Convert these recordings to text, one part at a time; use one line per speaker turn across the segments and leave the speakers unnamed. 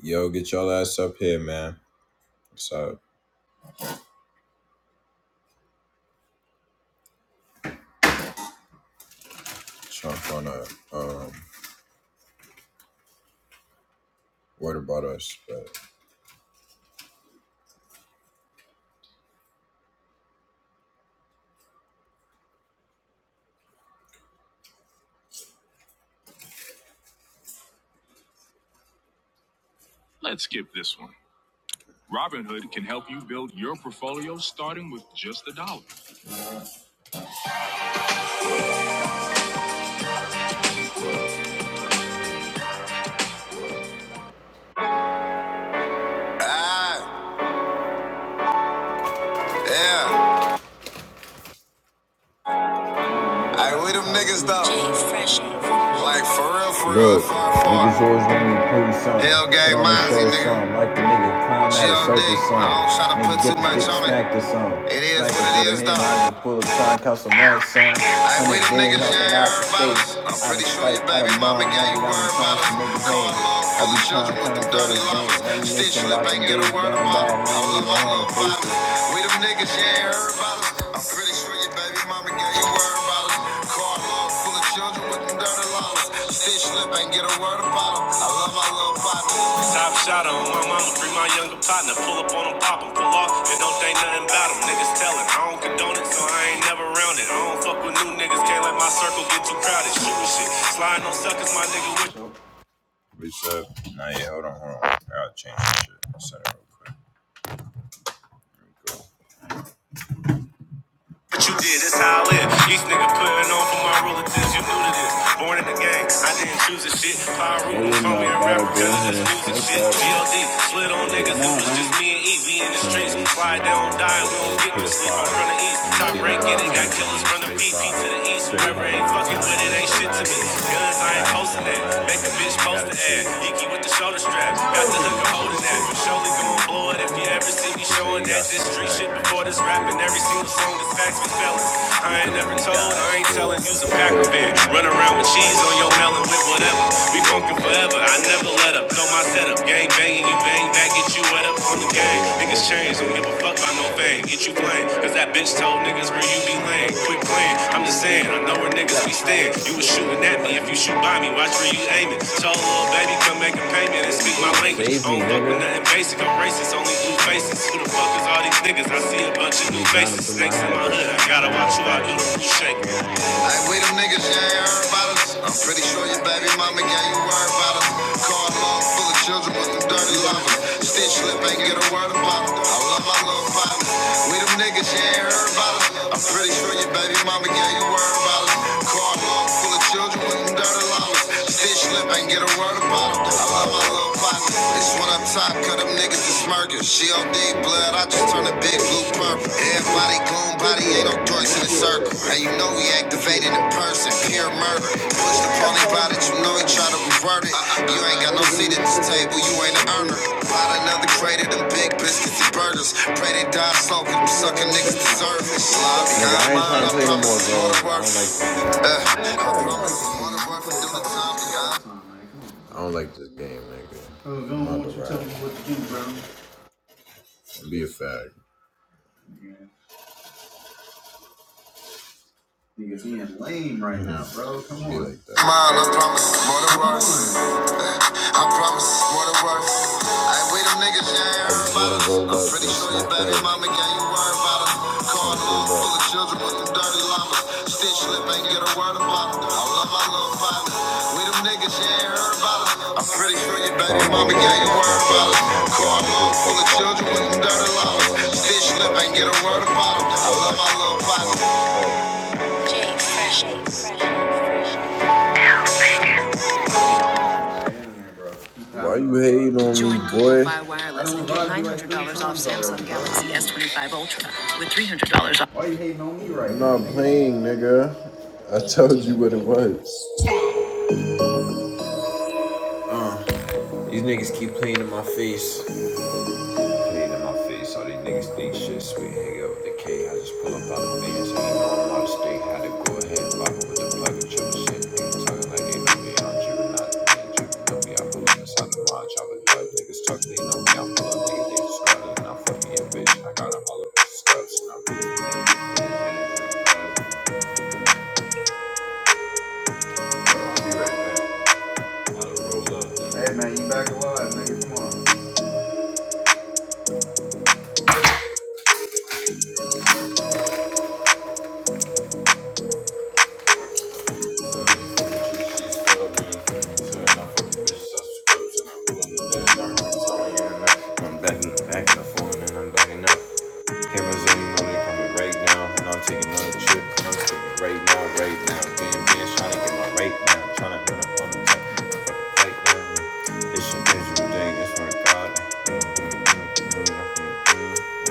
Yo, get your ass up here, man. So trying to find out um what about us, but Ah, yeah. I with them niggas though. Like for real, for real. Niggas always want me to prove something. Hell gang Put on Mozzie, nigga. Like the nigga clown at a circus song. I don't try to put too much dick on it. It is like what it is though. I just pull a sign, cause some mad son. I ain't with them niggas, man. I'm pretty sure your baby mama got you worried about it. Every children with them dirty songs. Stitch you back get a word of mouth. I was a long little bottle. We them niggas, you ain't heard about us. I'm pretty sure your baby mama gave you word about us. Car load full of children with them dirty laws. Stitch lip ain't get a word about 'em. I love my little bottle. Top shot on my mama, bring my younger partner. Pull up on them, pop 'em, pull off. And don't think nothing about 'em. Niggas telling, I don't condone it, so I ain't never around it. I don't fuck with new niggas, can't let my circle get too crowded. Shooting shit, sliding on suckers, my nigga with. Reset. No, yeah, hold on, hold on. I'll change that shit. Set it real quick. Here we go. But you did, that's how I live. Each nigga putting on for my relatives, you knew to this. Born in the game, I didn't choose this shit. Pyro Hey, call me a rapper, cause it's ahead. music shit. GLD, split on niggas, it was just Nah, me and Evie in the streets. Why they don't die, we don't get no sleep. I'm from the east, top rank in it. Got killers from the BP to the east. Whoever ain't fire. fucking Nah, with it ain't shit to me. Guns, I ain't posting that. Make nothing. bitch post the ad. Geeky with the shoulder strap, got the hooker holding that. Surely gon' blow it if you ever see see me showing that this street shit before this rapping. Every single song is facts with fellas. I ain't never told, I ain't telling. Use a pack of beer. Run around with cheese on your melon with whatever. We funkin' forever. I never let up. Throw my setup. Gang banging, you bang back, get you wet up on the game. Niggas change, don't give a fuck about no fame. Get you playing, cause that that bitch told niggas, bro, you be lame. Quit playing. I'm just saying, I know where niggas be staying. You was shooting at me. If you shoot by me, watch where you aiming. Told little baby, come make a payment and speak my language. I don't fuck with nigga. nothing basic. I'm racist, only blue faces. Who the fuck is all these niggas? I see a bunch of new faces. Snakes in my hood. I gotta watch who I do the food shake. Like we them niggas, you ain't heard about us. I'm pretty sure your baby mama got you worried about us. Car love full of children with them dirty lovers. Stitch slip ain't get a word about it. I love my little partner. We them niggas, you ain't heard about us. I'm pretty sure your baby mama got you worried about us. Car love full of children. with wouldn't go to Lowe's. Fish lip ain't get a word about it. I love my little partner. It's when I'm top, cut them niggas to smirking. She on deep blood, I just turn a big blue purple. Everybody goon body, ain't no dorks in the circle. And you know we activated in person, pure murder. Push the pony by. That you know he try to revert it. You ain't got no seat at this table, you ain't an earner. Bought another crate of them big biscuits and burgers. Pray they die slow, cause them sucking niggas deserve it. Nigga, I ain't mine, trying to play no more bro. I don't like this Uh, I do not like this game, nigga. Uh, I don't want you telling me what to do, bro. Be a fag. like that. Smile, I promise, more than words. I promise, more than words. I ain't with them niggas, you ain't I heard about want I'm pretty sure your smack baby that mama gave you word about it. Car full of children with them dirty llamas. Stitch lip ain't get a word about it. I love my little partners. We them niggas, you ain't heard about us. I'm pretty sure your baby Come mama gave you word about it. Car full of children with them dirty llamas. Stitch lip ain't get a word about it. I love my little partners. Jay Fresh. Jay Fresh, Fresh. Why you hating on me, boy? Fi Wireless and get $900 off Samsung Galaxy S25 Ultra with $300 off. I'm not playing, nigga. I told you what it was. These niggas keep playing in my face. Pain in my face, all these niggas think shit sweet. Hang out with the K, I just pull up out of bands. Ain't going out of state, had to go ahead and lock up with the plug and triple shit. Niggas talking like they know me, I'm tripping out the man, tripping know me. I pull up inside the watch, I'm a drug. Niggas talk, they know me, I'm pull up, niggas, they just got it. And I'm fucking your bitch, I got them all up in the scuffs, and I'm really I'll be right back. I'm backing money coming right now. And I'm taking on the trip, I'm right now, right now. Being bitch, trying to get my right now. Trying to run up on the top, right now. It's a miserable day, it's my God.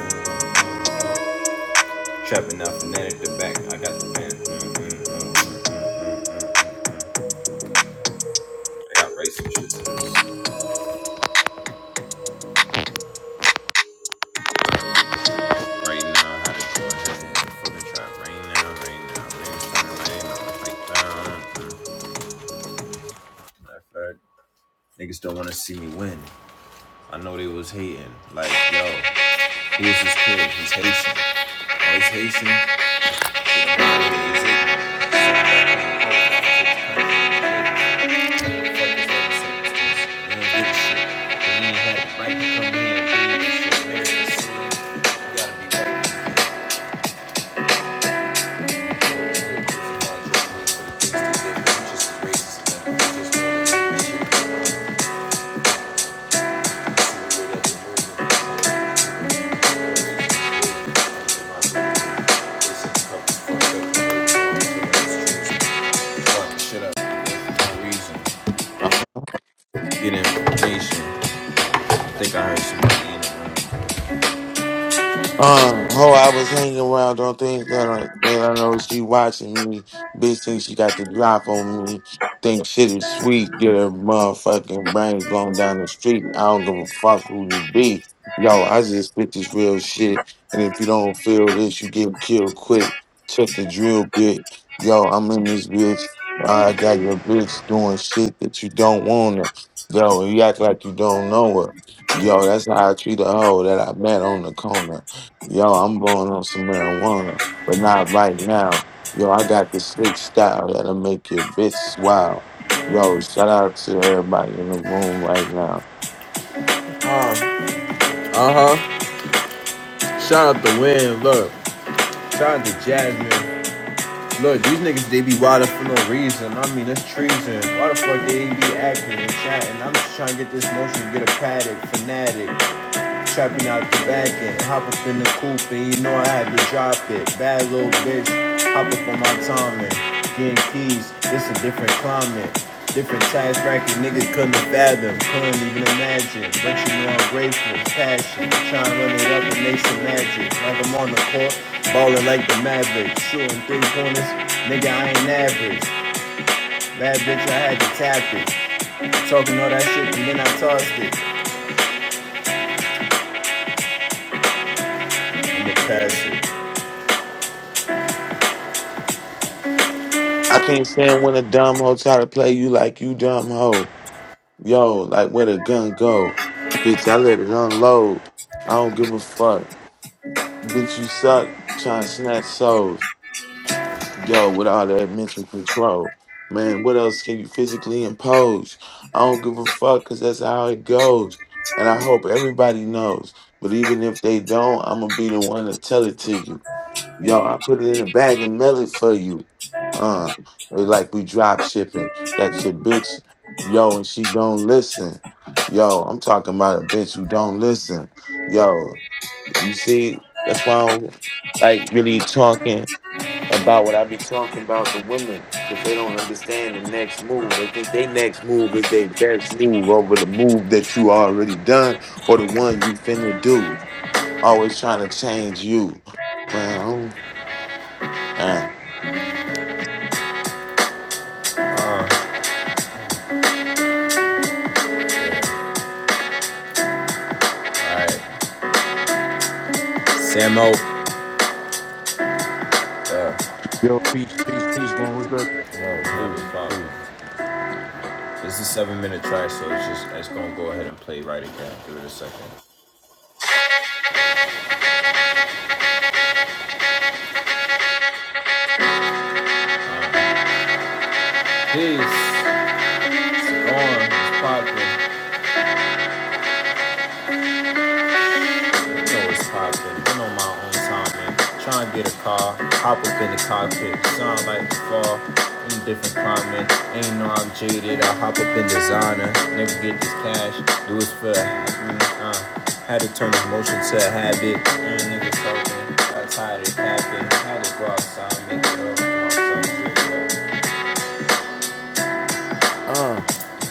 Mm-hmm. Trapping out fanatic the back, I got the pen. Mm-hmm. mm-hmm, mm-hmm, mm-hmm. I got racing shit. Right now, how to go ahead and hit for the trap. Right now, right now, right now, right now, right now. Matter of fact, Niggas don't wanna see me win. I know they was hating. Like, yo, who is this kid? He's Haitian. Oh, he's Haitian. Yeah, man, he's Haitian. Right to come in and do this shit, man. You gotta be right. Get information. I Think I heard somebody in it.
Uh, oh, I was hanging around. Don't think that I, that I know she watching me. Bitch think she got the drop on me. Think shit is sweet. Get her motherfucking brains blown down the street. I don't give a fuck who you be. Yo, I just spit this real shit. And if you don't feel this, you get killed quick. Check the drill, bitch. Yo, I'm in this bitch. I got your bitch doing shit that you don't want her. Yo, you act like you don't know her. Yo, that's how I treat a hoe that I met on the corner. Yo, I'm blowing on some marijuana, but not right now. Yo, I got this slick style that'll make your bitch wild. Yo, shout out to everybody in the room right now.
Uh huh. Shout out to Win. Look. Shout out to Jasmine. Look, these niggas they be wild for no reason. I mean, it's treason. Why the fuck they be acting and chatting? I'm just trying to get this motion, get a paddock, fanatic. Trapping out the back end, hop up in the coupe and you know I had to drop it. Bad little bitch, hop up on my time getting keys. It's a different climate, different tax bracket. Niggas couldn't fathom, couldn't even imagine. But you know I'm grateful, passion, trying to run it up and make some magic. Like I'm on the court, ballin' like the Mavericks, shooting three corners. Nigga, I ain't average. Bad bitch, I had to tap it. Talking all that shit and then I tossed it. I'ma pass it.
I can't stand when a dumb hoe try to play you like you dumb hoe. Yo, like where the gun go? Bitch, I let it unload. I don't give a fuck. Bitch, you suck trying to snatch souls. yo, with all that mental control. Man, what else can you physically impose? I don't give a fuck because that's how it goes. And I hope everybody knows. But even if they don't, I'm going to be the one to tell it to you. Yo, I put it in a bag and mail it for you. Uh, it's like we drop shipping. That's your bitch, yo, and she don't listen. Yo, I'm talking about a bitch who don't listen. Yo, you see, that's why I don't like really talking about what I be talking about the women because they don't understand the next move. They think they next move is their best move over the move that you already done or the one you finna do. Always trying to change you. Well, uh,
Yeah, alright. Sam O. Yeah,
Yo, peace, peace, peace, gang. What's good?
Yo,
yeah, it's
peace,
popping.
peace.
This is a seven minute track, so it's just it's gonna go ahead and play right again. Give it a second. Peace. It's on. It's popping. know it's poppin'. I'm on my own time man. try and get a car. Hop up in the cockpit, sound like the fall. In different climate, ain't no I'm jaded. I hop up in designer, never get this cash. Do it for mm, uh, had to turn emotion to a habit. Mm, nigga talking, got tired of capping. Had to go outside, make it up. go outside,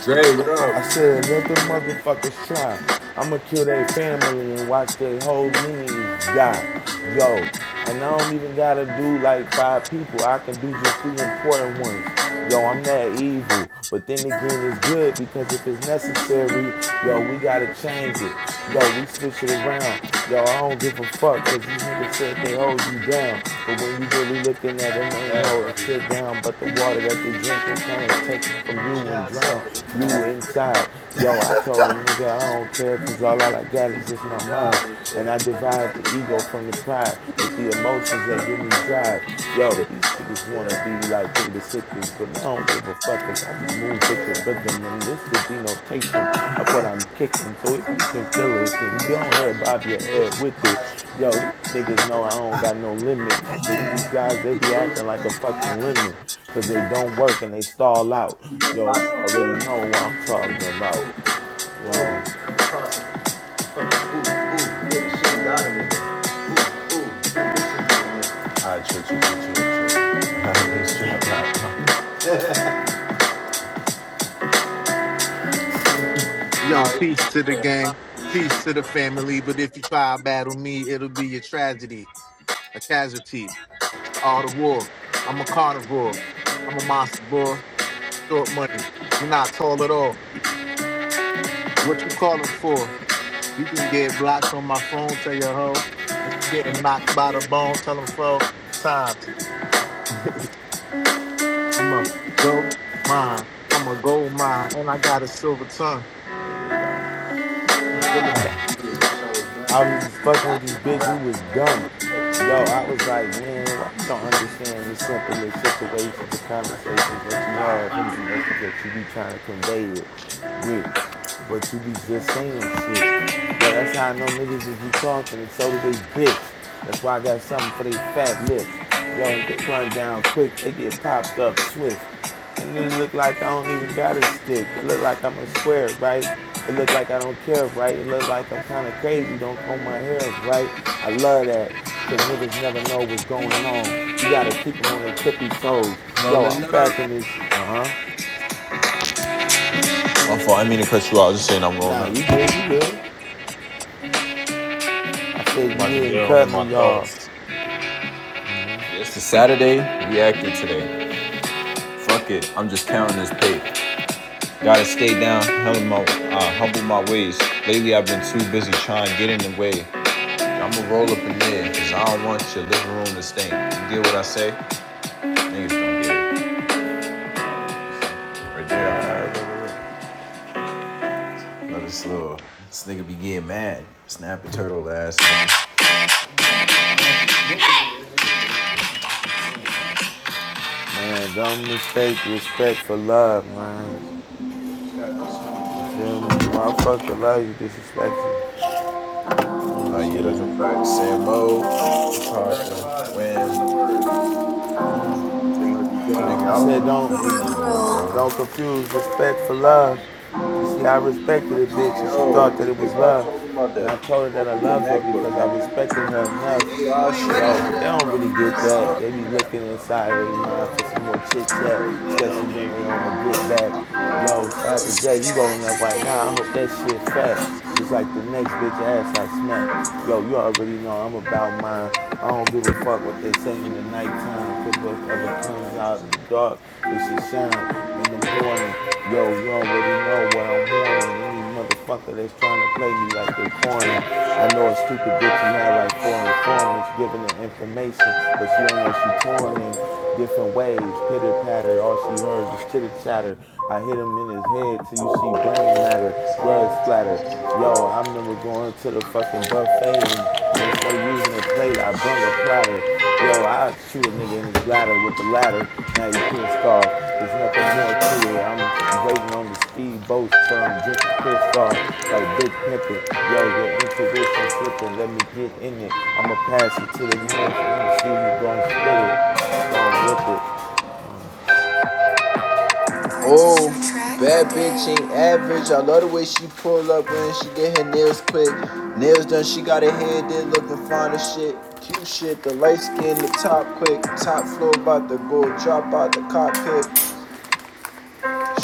Dre, what
I
up?
said, let the motherfuckers try. I'ma kill their family and watch their whole lineage die. Yo, and I don't even gotta do like five people. I can do just three important ones. Yo, I'm that evil. But then again, it's good because if it's necessary, yo, we gotta change it. Yo, we switch it around. Yo, I don't give a fuck because these niggas said they hold you down. But when you really looking at them, they
yeah.
ain't
Yeah,
holding shit
bro.
down but the water that they drinking, trying to take from you and
Shots
drown
up, you
you
man.
inside. Yo, I told him, nigga, I don't care because all I like got is
niggas
just
in
my
the job
mind.
and
And I
shit.
divide
Like,
the ego from the
you
pride with the emotions that give me drive. Yo, these niggas want to be like they the sickest, but they don't give a fuck because I just move with the rhythm. And this is the denotation of what I'm kicking. So if you can feel it, then don't have bob your head with it. Yo, these niggas know I don't got no limit. Most of these guys, they be acting like a fucking lemon because they don't work and they stall out. Yo, you already know what I'm talking about. Yo,
know, I treat you, treat you, treat you.
Yo, peace to the gang, peace to the family. But if you try to battle me, it'll be a tragedy, a casualty. It's the art of war. I'm a carnivore. I'm a monster boy. Short money. You're not tall at all. What you calling for? You can get blocked on my phone. Tell your hoe. Let's getting knocked by the bone. Tell them four times. I'm a go mine. I'm a gold mine, and I got a silver tongue. Really bad.
I was just fucking with this bitch who was dumb. Yo, I was like, man, why you don't understand the simplest situations and conversations that you have and the message that you be trying to convey it with, but you be just saying shit. Yo, that's how I know niggas just be talking and so do they bitch. That's why I got something for they fat lips. Yo, they run down quick, they get popped up swift and it looked like I don't even got a stick. It looked like I'm a square, right? It looked like I don't care, right? It looked like I'm kind of crazy. Don't comb my hair, right? I love that because niggas never know what's going on. You gotta keep them on their tippy toes.
Rolling
Yo, I'm
up.
back in
My
this. Uh huh.
fault. I didn't mean to cut you out. I was just saying I'm rolling
Nah,
up.
you good? You good? I
I'm
said you
about to
didn't
get on
cut
with my
me off.
thoughts. Yeah, It's a Saturday. We active today. Fuck it. I'm just counting this pay. Gotta stay down. Humble my, uh, humble my ways. Lately, I've been too busy trying to get in the way. I'ma roll up in there because I don't want your living room to stink. You get what I say? Niggas don't get it. Right there. All right. right, right. Another slow. This nigga be getting mad. Snapping turtle ass.
Man, don't mistake respect for love, man. You feel me? Motherfucker love you, disrespect you. You know what I'm
Oh yeah, that's a
saying?
fact. Sam Tasha, when
Good job. Good job.
I
nigga,
said don't don't confuse respect for love. You see, I respected a bitch
I
and she
don't want
thought
to
that
do this.
it
Yo,
was
people are
love.
talking about
And
that.
I told her that I
Open your
love her
MacBook,
because I
nigga.
respected her
They
enough.
they all shit.
Yo, but they don't really get that. They be looking inside of their mind for some more chit chat, especially when they on the
Hell, nigga.
get back. Yo, shout out to Jay. He rolling up
Tracks
right now. I
today.
hope that shit fat. Just like the next bitch ass I smack. Yo, you already know I'm about mine. I don't give a fuck what they say in the nighttime, cause whatever comes out in the dark, it should shine in the morning. Yo, you already know what I'm wanting. Any motherfucker that's trying to play me like they corner. I know a stupid bitch who had like four informants giving the information, but she don't know she torn in different ways. Pitter patter, all she heard is chitter chatter. I hit him in his head till you see brain matter, blood splatter. Yo, I remember going to the fucking buffet and instead of using a plate, I brung a platter. Yo, I shoot a nigga in his bladder with the ladder. Now he pissed off. There's nothing more to it. I'm waiting on the speedboats till I'm drinking Cristal like Big Pimpin'. Yo, your intuition slipping. Let me get in it. I'ma pass it to the next MC who gon' spit it. Gon' rip it.
Oh, bad bitch ain't average. I love the way she pull up when she get her nails quick. Nails done, she got her head there looking fine as shit. Cute shit, the light skin, the top quick. Top floor about to go drop out the cockpit.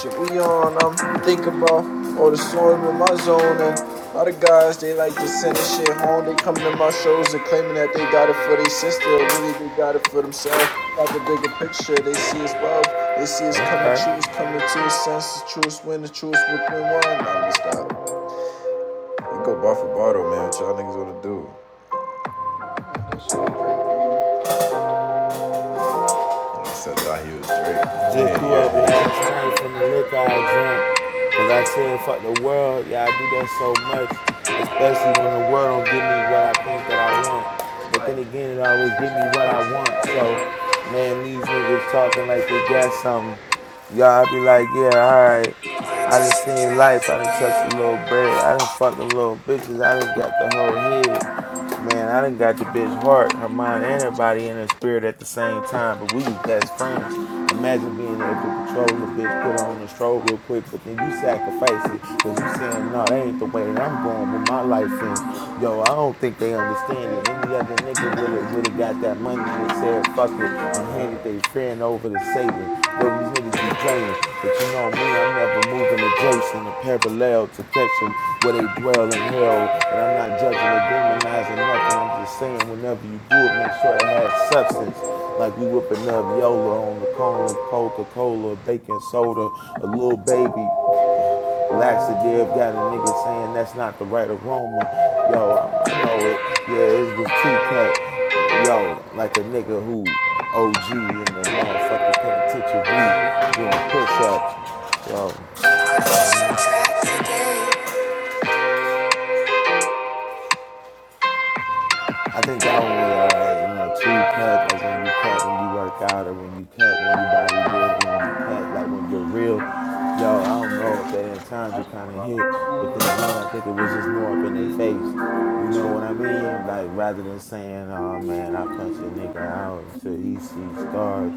Shit we on, I'm thinking about all the storm in my zone and a lot of guys they like to send this shit home. They come to my shows and claiming that they got it for their sister. Really they got it for themselves. Got the bigger picture, they see us love, they see us coming
Okay.
true, it's coming to a sense, the truest win, the truest within one. Nah, just stop. You go bar for bottle, man, what y'all niggas wanna do? And I said thought he was Drake.
Just
Man,
threw
you're
up
a
last
hater.
night from the liquor I drank. Cause I said, fuck the world. Yeah, I do that so much, especially when the world don't give me what I think that I want. But then again, it always give me what I want. So, man, these niggas talking like they got something. Y'all be like, yeah, all right. I done seen life. I done touched a little bread. I done fucked the little bitches. I done got the whole head. Man, I done got the bitch heart, her mind, and her body and her spirit at the same time, but we was best friends. Imagine being able to control a bitch, put her on the stroll real quick, but then you sacrifice it because you saying, no, nah, that ain't the way that I'm going with my life in. Yo, I don't think they understand it. Any other nigga would have would have got that money and said, fuck it, and handed they friend over to Satan. Yo, these niggas be playing, but you know me, I'm never moving adjacent or parallel to catch them where they dwell in hell. But I'm not judging or demonizing nothing. I'm just saying, whenever you do it, make sure it has substance. Like we whipping up Yola on the cone of Coca Cola, baking soda, a little baby. Laxative got a nigga saying that's not the right aroma. Yo, I'm, I know it. Yeah, it was too cut yo, like a nigga who OG in the motherfucking penitentiary doing push ups. Yo, I think that one was all right. You know, two cut, like when you cut, when you work out, or when you cut, when you bodybuild, or when you cut, like when you're real. Yo, I don't know if that in times you kind of hit, but then again, I think it was just more up in their face. You know what I mean? Like rather than saying, "Oh man, I punched a nigga out until he sees scars,"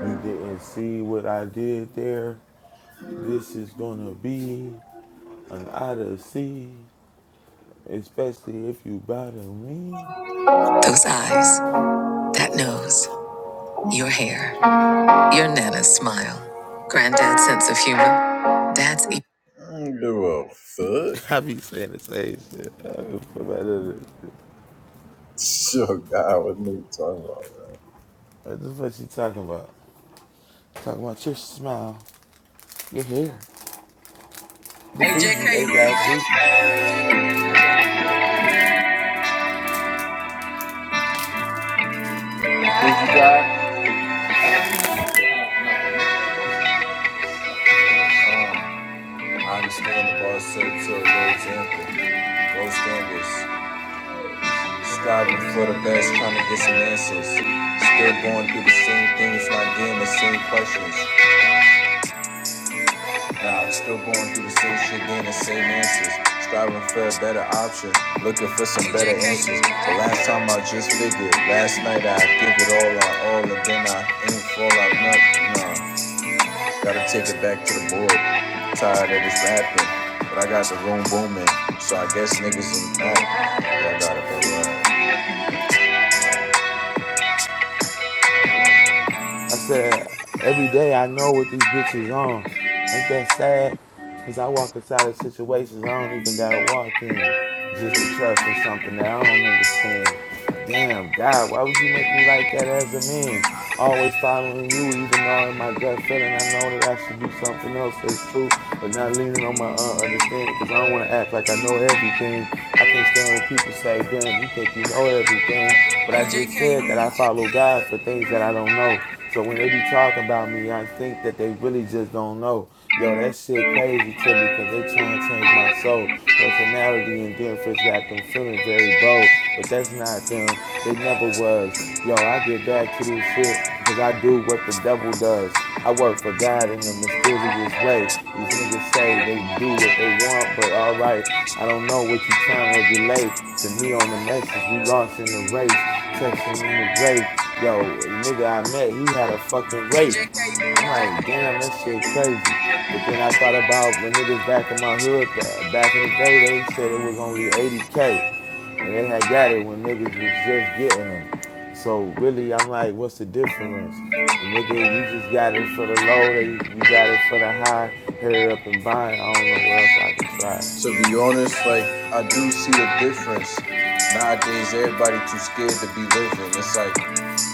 you didn't see what I did there. This is gonna be an odyssey, especially if you bother me.
Those eyes, that nose, your hair. Your Nana's smile. Granddad's sense of humor. Dad's. E- I ain't give a fuck.
I be saying the same shit.
Sure, God, what are you talking about, man?
What the fuck she talking about? Talking about your smile, your hair, the
Hey,
food you ate last
JK.
week.
I understand the bar set to a low example. Low standards. Striving for the best, trying to get some answers. Still going through the same things, not getting the same questions. Nah, I'm still going through the same shit, getting the same answers. Striving for a better option, looking for some better answers. The last time I just figured, last night I give it all on all, and then I ain't fall out nothing. Nah, gotta take it back to the board. Tired of this rapping, but I got the room booming, so I guess niggas in the back. Yeah,
I said, every day I know what these bitches on. Ain't that sad? Because I walk inside of situations I don't even got to walk in just to trust in something that I don't understand. Damn, God, why would you make me like that as a man? Always following you, even though in my gut feeling I know that I should do something else that's true, but not leaning on my uh, understanding because I don't want to act like I know everything can't stand when people say, damn, you think you know everything.
I
But I just said that I follow God for things that I don't know. So when they be talking about me, I think that they really just don't know. Yo, that shit crazy to me because they trying to change my soul. Personality and difference got them feeling very bold, but that's not them. They never was does. Yo, I get back to this shit because I do what the devil does. I work for God in a mysterious way. These niggas say they do what they want, but all right, I don't know what you trying to relate to me on the message. We lost in the race, texting on the race. Yo, a nigga I met, he had a fucking race.
gotta go
I'm
right.
like, damn, that shit crazy. But then I thought about the niggas back in my hood, th- back in the day, they said it was only 80K. And they had got it when niggas was just getting them. So really, I'm like, what's the difference? The Nigga, you just got it for the low, they you got it for the high, hurry up and buy it. I don't know what else I could try.
To be honest, like I do see a difference. Nowadays everybody too scared to be living. It's like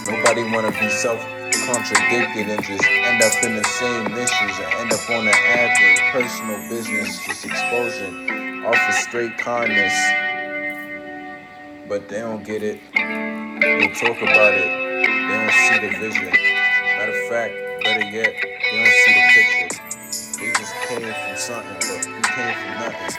nobody wanna be self contradicted and just end up in the same issues and end up on the ad for personal business just exposing off of straight kindness, but they don't get it. They talk about it. They don't see the vision. Matter of fact, better yet, they don't see the picture. They just came from something, but we came from nothing.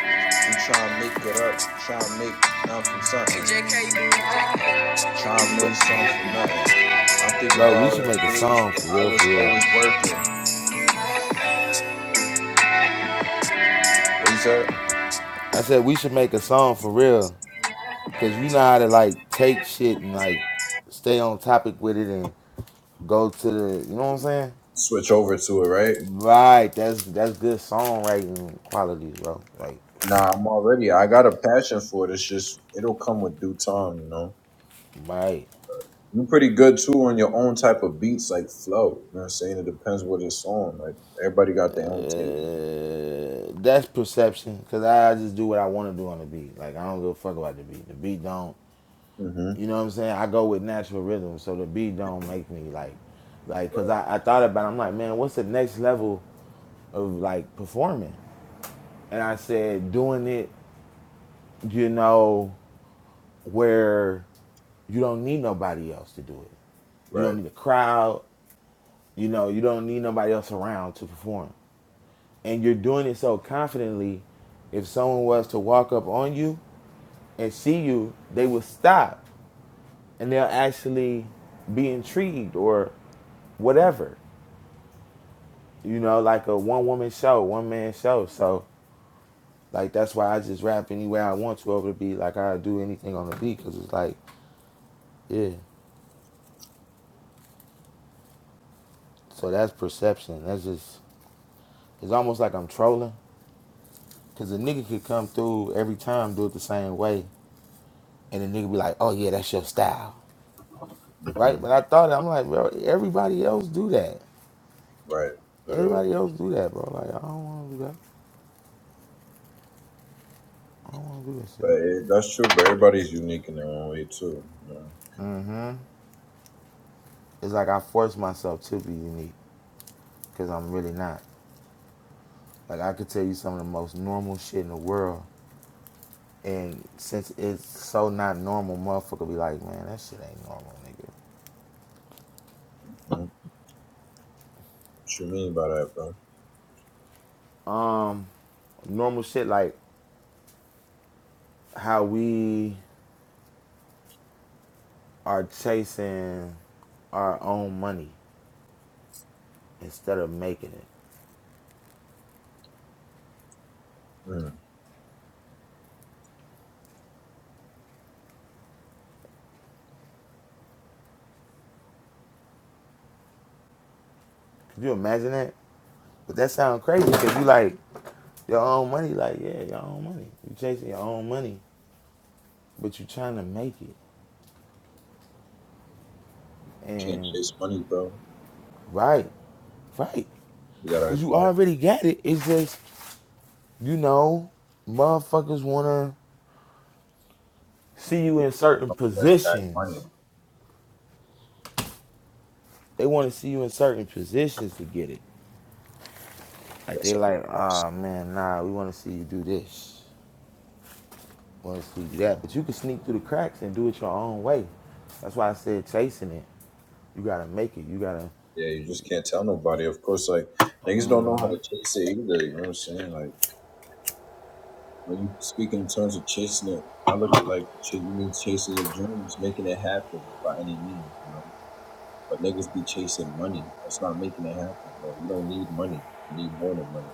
We try and make it up, try and make nothing from something. Try and make
But
something from nothing. I think
bro, we
about
should make a
days
song for
where I
real,
was
for real.
always working. Is that
I said we should make a song for real, cause you know how to like take shit and like stay on topic with it, and Go to the, you know what I'm saying?
switch over to it, right?
Right, that's that's good songwriting qualities, bro. Like,
Nah, I'm already. I got a passion for it. It's just it'll come with due time, you know.
right.
You're pretty good too on your own type of beats, like flow. You know what I'm saying? It depends what it's on. Like everybody got their own tape.
Uh, that's perception, cause I just do what I want to do on the beat. Like I don't give a fuck about the beat. The beat don't,
hmm
you know what I'm saying? I go with natural rhythm, so the beat don't make me like, like,
Right.
cause I, I thought about, it, I'm like, man, what's the next level of like performing? And I said, doing it, you know, where you don't need nobody else to do it. You don't
Right.
need a crowd. You know, you don't need nobody else around to perform. And you're doing it so confidently, if someone was to walk up on you and see you, they will stop and they'll actually be intrigued or whatever. You know, like a one woman show, one man show. So, like, that's why I just rap any way I want to over the beat. Like, I do anything on the beat because it's like, yeah. So that's perception. That's just, it's almost like I'm trolling because a nigga could come through every time, do it the same way and the nigga be like, "Oh yeah, that's your style," right?
hmm
But I thought I'm like, bro, everybody else do that.
Right. Literally.
Everybody else do that, bro. Like I don't want to do that. I don't want to do that
But
shit.
it, that's true. But everybody's unique in their own way too. You know?
hmm It's like I force myself to be unique because I'm really not. Like I could tell you some of the most normal shit in the world, and since it's so not normal, motherfucker be like, man, that shit ain't normal, nigga.
Mhm. What you mean by that, bro?
Um, normal shit like how we are chasing our own money instead of making it.
Mm.
Could you imagine that? But that sounds crazy because you like your own money. Like yeah, your own money. You chasing your own money, but you trying to make it.
Can't
And
chase money, bro.
right, right,
You gotta
because you
attack,
already got it. It's just you know, motherfuckers wanna see you in certain
attack
positions.
money.
They wanna see you in certain positions to get it. Like
That's
they
all.
like, ah man, nah, we wanna see you do this. wants to do that. But you can sneak through the cracks and do it your own way. That's why I said chasing it. You gotta make it. You gotta
Yeah, you just can't tell nobody. Of course, like niggas don't know how to chase it either. You know what I'm saying? Like. When you speak in terms of chasing it, I look at like ch- you mean chasing your dreams, making it happen by any means, you know. But niggas be chasing money. That's not making it happen, bro. You don't need money. You need more than money.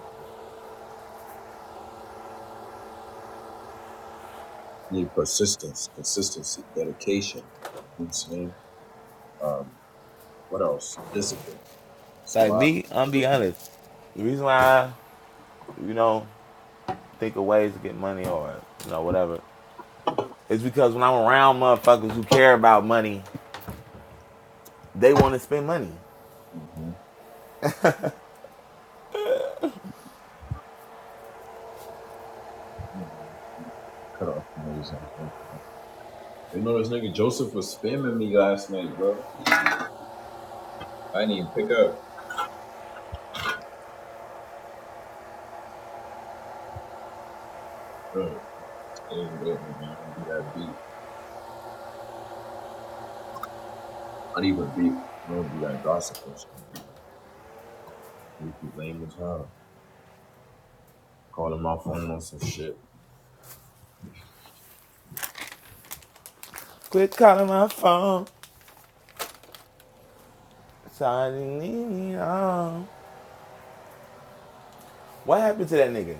You need persistence, consistency, dedication. You know what I'm saying? What else? Discipline. It's a
like
lot.
me. I'm be honest. The reason why I, you know think of ways to get money or you know whatever is because when I'm around motherfuckers who care about money, they want to spend money.
hmm Cut off the niggas out like that. You know this nigga Joseph was spamming me last night, bro. I didn't even pick up. Bro, it was good, man. I don't do that beat. I don't even beat. I don't do that gossip and shit. You can blame the child. Calling my phone on some shit.
Quit calling my phone. Sorry, need you on. What happened to that nigga?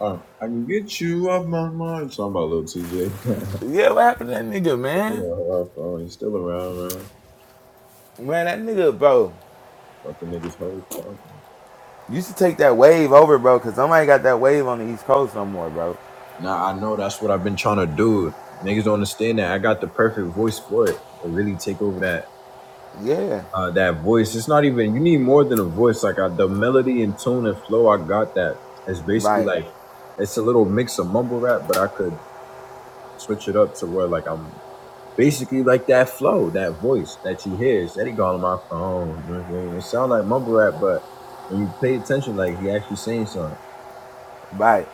Oh, I can get you off my mind. Talking about little TJ.
Yeah, what happened to that nigga,
yeah,
man?
off phone. He's still around, man.
Man, that nigga, bro.
Fucking niggas hoes talking.
You should take that wave over, bro, because somebody got that wave on the East Coast no more, bro.
Nah, I know that's what I've been trying to do. Niggas don't understand that. I got the perfect voice for it. And really take over that
Yeah.
uh that voice. It's not even you need more than a voice. Like I, the melody and tone and flow, I got that. It's basically
Right.
like it's a little mix of mumble rap, but I could switch it up to where like I'm basically like that flow, that voice that you hear. It's Eddie Garland on my phone. You know what I'm saying? It sounds like mumble rap, but when you pay attention, like he actually saying something.
Right.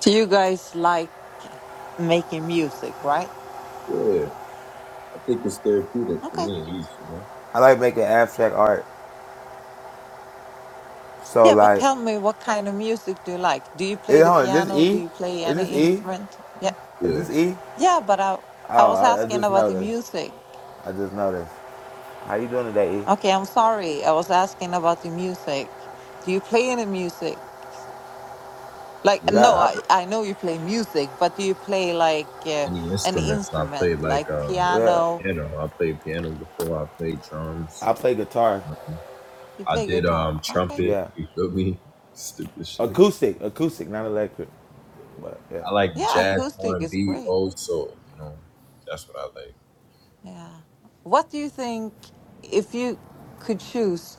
So you guys like making music, right?
Yeah, I think it's therapeutic for
Okay.
me at least, you know?
I like making abstract art. So,
Yeah, but
like,
tell me what kind of music do you like? Do you play
it,
the
hold on, is this
piano? Do
E?
you play
Is
any
this E?
instrument? Yeah.
Is
Yeah,
this E?
Yeah, but I I
Oh,
was
I, I
asking
just
about the
noticed.
music.
I just noticed. How you doing today, E?
Okay, I'm sorry. I was asking about the music. Do you play any music? Like no,
yeah.
Yeah,
I I
I,
know you play music, but do you play like uh,
Any
any
instruments I played
instrument
like
like
um
yeah.
piano?
piano. I played piano before. I played drums.
I play guitar.
You
I
play
did
guitar.
um
Okay.
trumpet.
Yeah.
You feel me? Stupid shit.
Acoustic. Acoustic, not electric. But, yeah.
I like
Yeah,
jazz, R
acoustic
and
is
B,
great.
old soul. You know, that's what I
Yeah. What do you think if you could choose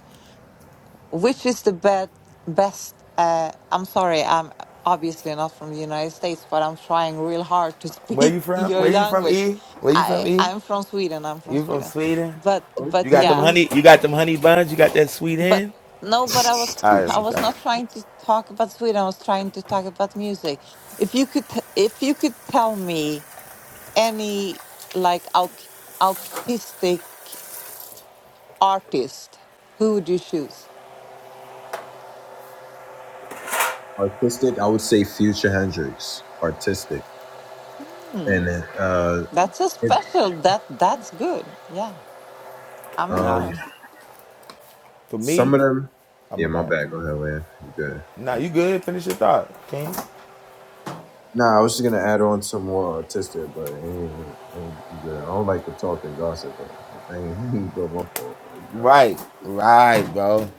which is the best best uh I'm sorry, I'm obviously not from the United States, but I'm trying real hard to
Where
speak
you from?
your
Where you from,
language.
E? Where you from,
I
E?
I'm from Sweden, I'm from
You from
Sweden.
Sweden?
But
You
but
got
like.
them
yeah,
honey. You got them honey buns. You got that sweet
but
in.
no, but I
All
was
right,
Okay.
let
I
me
was not
stop.
trying to talk about Sweden. I was trying to talk about music. If you could t- if you could tell me any like aut- autistic artist, who would you choose?
Artistic, I would say Future Hendrix. Artistic,
Hmm,
and uh,
that's a
it,
special. That that's good. Yeah, I'm
Nah,
um,
impressed.
for
some
me,
of them.
I'm
Yeah,
a
my
bad.
bad. Go ahead, man. You good?
Nah, you good? Finish your thought, King.
Nah, I was just gonna add on some more artistic, but it ain't, it ain't I'm good. I don't like to talk and gossip, bro. It ain't but my fault, bro. You got it.
Right, right, bro.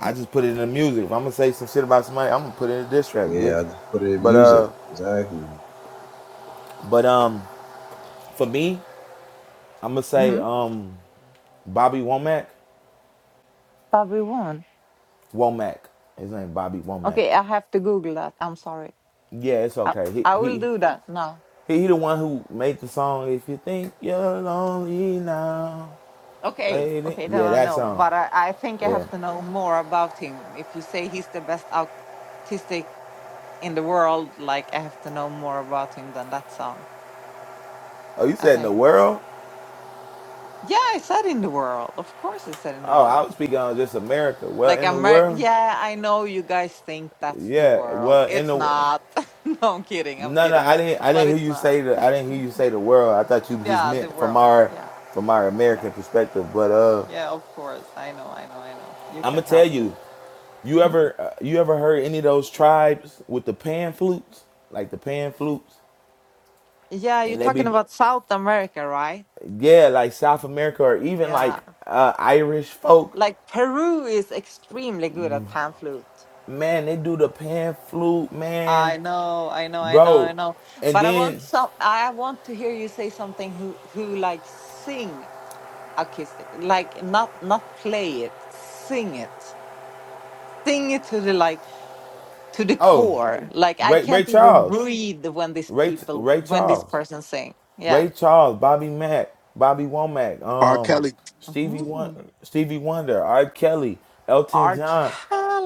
I just put it in the music. If I'm gonna say some shit about somebody, I'm gonna put it in a diss track,
Yeah,
bitch.
I just put it in
But
music.
uh,
Exactly.
but um, for me, I'm gonna say
Mm-hmm.
um, Bobby Womack,
Probably One.
Womack. His name Bobby Womack.
Okay, I have to Google that. I'm sorry.
Yeah, it's
I,
okay. He
I will
he
do that now.
He, he the one who made the song. If you think you're lonely now,
Okay,
waiting.
okay, then
Yeah,
I
that
know.
song.
But I, I think I
Yeah.
have to know more about him. If you say he's the best autistic in the world, like I have to know more about him than that song.
Oh, you
I
said in the
think.
world?
Yeah, I said in the world. Of course, I said in the
Oh, I
world.
was speaking on just America. Well,
Like
in the
America.
world.
Yeah, I know you guys think that's the
Yeah.
world.
Well, in
It's
the world.
not. no, I'm kidding. I'm
No, no,
kidding.
I didn't. I
But
didn't
it's
hear you
not.
say the. I didn't hear you say the world. I thought you just
Yeah, the
meant from
world.
our,
Yeah,
from our
yeah,
American perspective. But uh,
yeah. Of course, I know. I know. I know. You
I'm gonna
can
tell
help me.
you. You
hmm
ever, uh, you ever heard any of those tribes with the pan flutes, like the pan flutes,
Yeah, you're
and they
talking
be
about South America, right?
yeah, like South America or even
Yeah,
like uh, Irish folk,
like Peru is extremely good at pan flute.
man, they do the pan flute, man,
I know, I know, I know, I
bro.
know.
And
But I
then
want some. I want to hear you say something. Who who like sing acoustic? Like not not play it, sing it, sing it to the like to the
oh,
core. Like I
Ray Ray
can't even
Charles,
breathe when these
Ray
people
Ray
when this
Charles,
person sing. Yeah.
Ray Charles, Bobby Mack, Bobby Womack,
R.
um,
Kelly
Stevie
Mm-hmm.
Won- Stevie Wonder, R. Kelly, Elton
R.
John,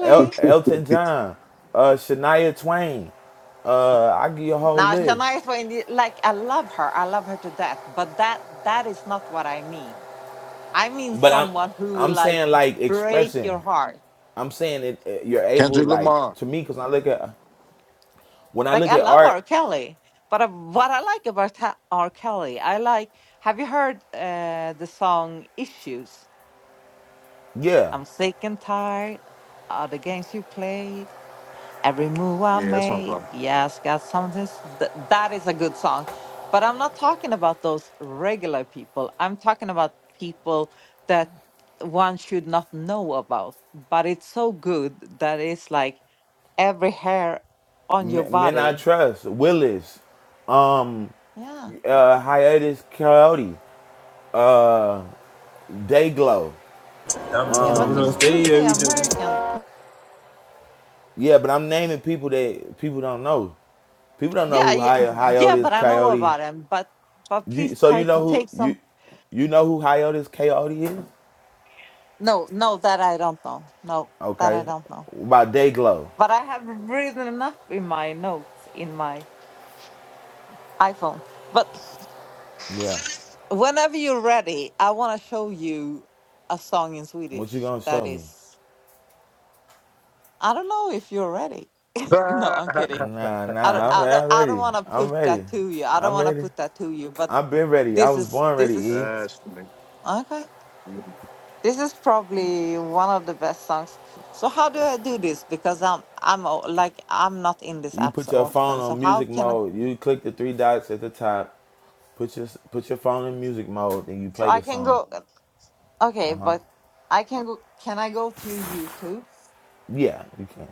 El- Elton John, uh, Shania Twain. Uh, I give you a whole
Now
list,
Shania Twain, like I love her. I love her to death. But that that is not what I mean. I mean
but I'm
someone who will
I'm
like
saying like
break your
expression.
heart.
I'm saying it, it- you're able
Kendrick
like
Lamar.
to me because I look at when I
Like
look
I
at
love R.
art,
Kelly, but I, what I like about ha- R. Kelly, I like. Have you heard uh, the song "Issues"?
yeah,
I'm sick and tired of the games you played. Every move I
Yeah, that's my
make,
problem.
yes, got something. s- Th- that is a good song, but I'm not talking about those regular people. I'm talking about people that one should not know about. But it's so good that it's like every hair on your
men, men I
body.
trust, Willis, um,
Yeah.
uh, hiatus coyote, Dayglow,
Yeah, but you
Uh,
still say American.
yeah, but I'm naming people that people don't know. People don't know
Yeah,
who
yeah,
Hi-
yeah,
hiatus
but I know
coyote.
about him. But but
You
please
so
try
you
to
know who
take
you
some.
you know who hiatus coyote is?
No, no, that I don't know. No, that I
Okay,
don't know.
What about Dayglow,
But I have written up in my notes in my iPhone. But
yeah.
whenever you're ready, I want to show you a song in
What you
Swedish.
gonna
That
show me?
is, I don't know if you're ready. No, I'm kidding.
Nah,
I don't,
nah, I'm,
I don't,
I'm
I don't
ready.
want to
I'm
put that
ready.
to you. I don't
I'm
want to
ready.
put that to you. But
I've been ready. I
this
was
is,
born
this
ready,
is
E.
that's funny.
okay. This is probably one of the best songs. So how do I do this? Because I'm I'm o- like I'm not in this
You
app
put
so
your phone
often. So
on
how
music
can I?
mode. You click the three dots at the top. Put your put your phone in music mode, and you
So
play
I
the
can
song.
go. Okay,
Uh huh.
but I can go. Can I go to YouTube?
Yeah, you can.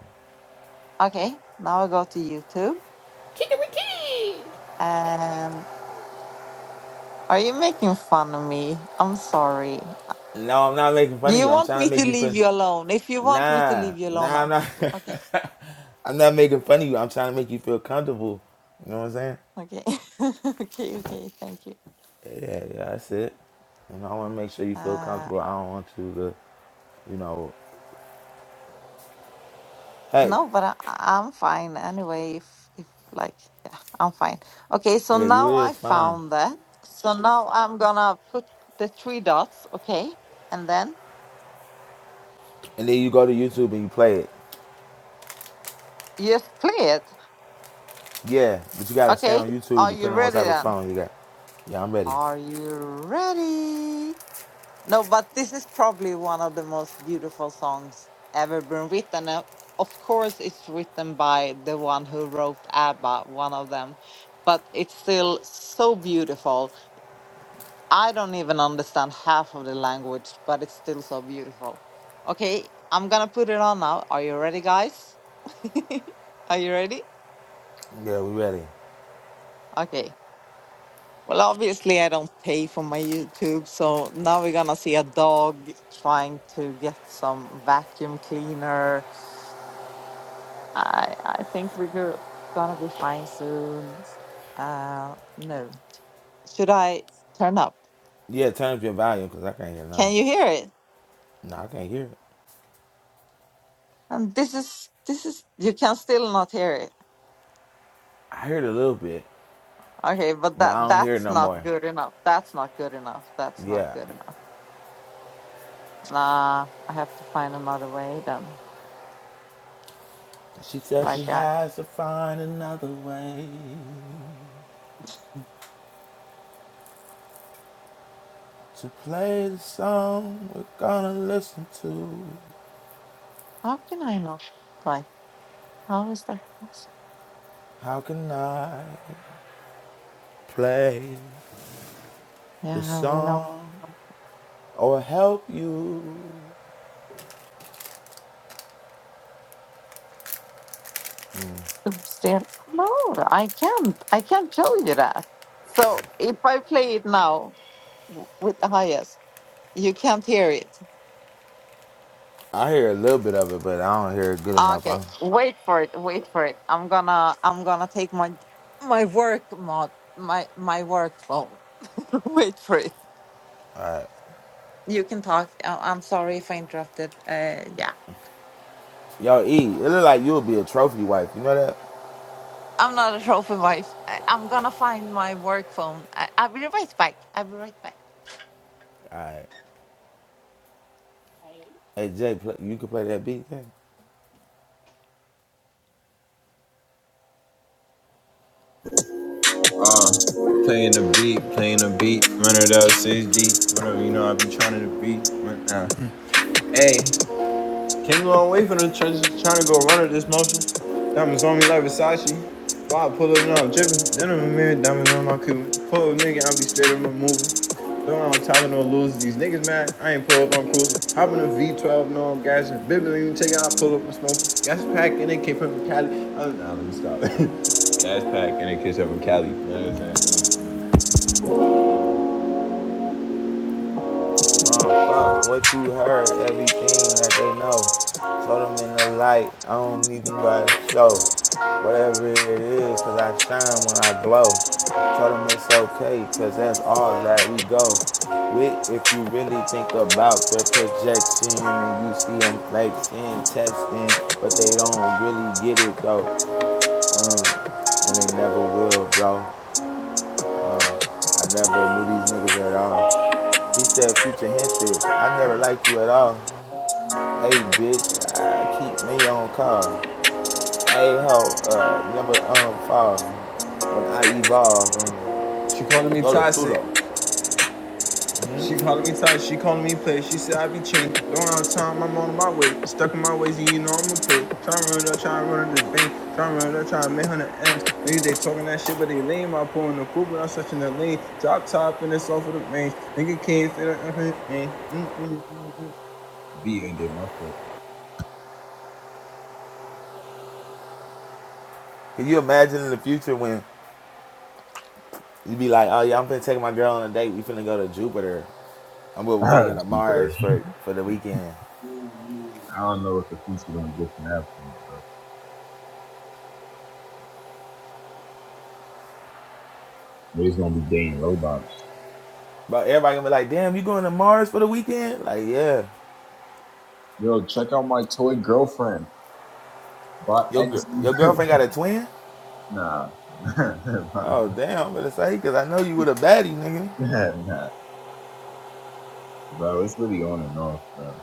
Okay, now I go to YouTube.
Kikariki!
And are you making fun of me? I'm sorry.
No, I'm not making
Do
fun of
you
you. I'm
want
trying
me
to
to
make you
leave
feel.
you alone? If you want me to
Nah,
leave you alone,
nah, I'm
I'll...
not.
okay,
I'm not making fun of you. I'm trying to make you feel comfortable. You know what I'm saying?
okay, okay, okay. Thank you.
Yeah, yeah, that's it. You know, I want to make sure you feel comfortable.
Uh,
I don't want you to, you know. Hey,
No, but I, I- am fine anyway. If if like yeah, I'm fine. Okay, so
yeah, you
now I
is fine.
found that. So now I'm gonna put the three dots. Okay, and then
and then you go to YouTube and you play it.
just play it.
Yeah, but you gotta stay
Okay,
on YouTube
are you
depending on what
ready
type of
then?
phone you got. Yeah, I'm ready.
Are you ready? No, but this is probably one of the most beautiful songs ever been written. Uh, Of course, it's written by the one who wrote ABBA, one of them, but it's still so beautiful I don't even understand half of the language, but it's still so beautiful. Okay, I'm gonna put it on now. Are you ready, guys? Are you ready?
Yeah, we ready.
Okay. Well, obviously, I don't pay for my YouTube, so now we're gonna see a dog trying to get some vacuum cleaner. I I think we're go- gonna be fine soon. Uh, no, should I turn up?
Yeah, turn up your volume because I can't hear
Can
none.
you hear it?
No, I can't hear it.
And this is this is you can still not hear it.
I heard a little bit,
Okay, but
but
that
I don't hear it
that's
no
not
more.
good enough. That's not good enough. That's not
Yeah.
good enough. Nah, I have to find another way then.
She says she
Like, that.
has to find another way to play the song we're gonna listen to.
how can I not? Like, how is that possible?
How can I play the
Yeah, we know.
song or help you?
Still, no, I can't. I can't show you that. So if I play it now w- with the highest, you can't hear it.
I hear a little bit of it, but I don't hear it good enough.
Okay,
I'm,
wait for it. Wait for it. I'm gonna. I'm gonna take my my work mod. My my work phone. wait for it. You can talk. I- I'm sorry if I interrupted. Uh, yeah,
yo, E, it look like you'll be a trophy wife. You know that?
I'm not a trophy wife. I- I'm gonna find my work phone. I- I'll be right back. I'll be right back.
All right. Hey, Jay, play, you can play that beat. Jay?
playing the beat, playing the beat, run it up, six deep, whatever. You know, I be trying to beat. Run, uh. hey, Can't go away from the trenches, trying to go run at this motion. Diamonds on me like Versace. Why I pull up now, I'm dripping. Then I'm a mirror, diamonds on my coupe. Pull up, nigga, I be straight up my movie. Don't I'm tired of no losers. These niggas mad, I ain't pull up, I'm cruising. Hop in a V12, no, I'm gassing. Bibble, you take out, I pull up, i smoke. Gas pack, and it came from Cali. Oh, nah, let me stop. Gas pack, and it came from Cali. You know what I'm saying?
Uh, fuck what you heard, everything that they know. Show them in the light. I don't even gotta show whatever it is, cause I shine when I glow. Show them it's okay, cause that's all that we go with. If you really think about the projection and you see them flexing, testing, but they don't really get it though. Uh, and they never will, bro. I never knew these niggas at all. He said, Future Hendrix, I never liked you at all. Hey, bitch, I keep me on call. Hey, ho, uh, never um fall when I evolve. Um,
She calling me
go to
toxic.
Pluto.
She called me tight, she called me play. She said I be chain. Don't have time, I'm on my way. Stuck in my ways, and you know I'm gonna play. Tryna run it up, tryna run up this bank. Tryna run it up, tryna make hundred M's. Niggas they talking that shit, but they lame. I pull in the coupe, but I'm searching the lane. Drop top and it's off of the range. Nigga can't fit it. Uh-huh, eh. mm mm mm. B ended my foot.
Can you imagine in the future when you be like, oh yeah, I'm finna take my girl on a date. We finna go to Jupiter. I'm going. We finna
Ah,
go to
Jupiter.
Mars
I
for for the weekend.
don't know what the future gonna get from that point, bro. Maybe gonna be dating robots.
But everybody gonna be like, damn, you going to Mars for the weekend? Like, yeah.
Yo, check out my toy girlfriend. Bought
Your
X.
your girlfriend got a twin?
Nah,
Oh
nah,
damn, I'm gonna say because I know you with a baddie, nigga.
nah, bro. It's really on and off, bro.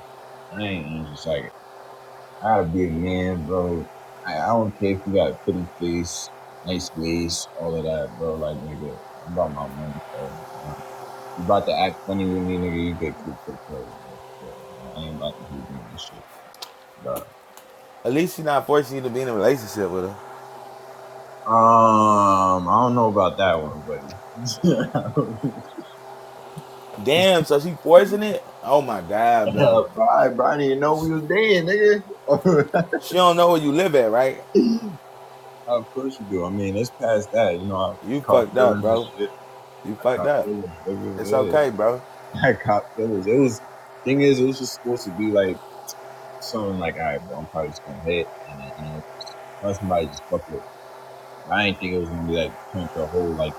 I ain't and it's just like it. I gotta be a man, bro. I, I don't care if you got a pretty face, nice waist, all of that, bro. Like nigga, I'm about my money, bro. You, know? you about to act funny with me, nigga? You get cooked up, curry, bro. bro. For real, man. I ain't about to be doing this shit. Bro.
At least she not forcing you to be in a relationship with her.
Um, I don't know about that one, buddy.
Damn, so she forcing it? Oh my god, bro.
bro, I, bro, I didn't even know we was dating, nigga.
She don't know where you live at, right?
Of course you do. I mean, it's past that. You know, I
You
caught
fucked up,
feelings and
bro.
shit.
You
I
fucked
caught
up.
feelings.
It's
nigga,
okay, bro.
yeah. I caught feelings. It was thing is, it was just supposed to be like something like, all right, bro, I'm probably just gonna hit, and then, you know, let somebody just fuck with. But I didn't think it was gonna be like turn to a whole like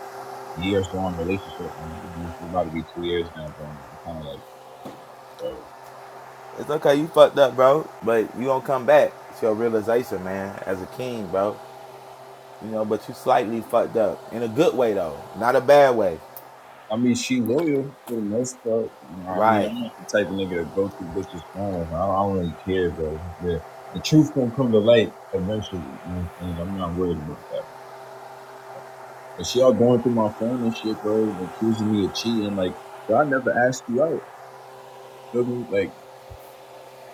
years long relationship. Man. It's about to be two years now, bro. I'm kind of like, bro.
It's okay, you fucked up, bro. But you gonna come back. It's your realization, man, as a king, bro. You know, but you slightly fucked up. In a good way though. Not a bad way.
I mean, she loyal for the most part. You know, I mean,
Right.
I'm not the type of nigga to go through bitches' phones. I don't, I don't really care, bro. Yeah. The truth gonna come to light eventually. You know what I'm saying? I'm not worried about that. But she all going through my phone and shit, bro, and accusing me of cheating. Like, bro, I never asked you out. Feel me? Like,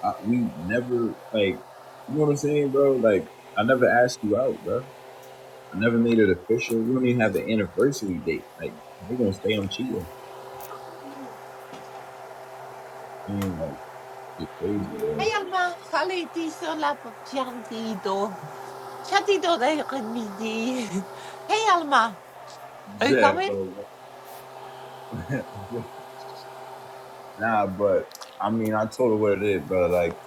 I, we never, like, you know what I'm saying, bro? Like, I never asked you out, bro. I never made it official. We don't even have an anniversary date. Like, if we're gonna stay on cheating. Man, like, get crazy,
Hey,
bro.
Alma, خالتي سلاب بجانديدو شديدو ضيق الميدي Hey, Alma, are you
Zach,
coming?
bro. nah, but I mean, I told her what it is, bro. Like,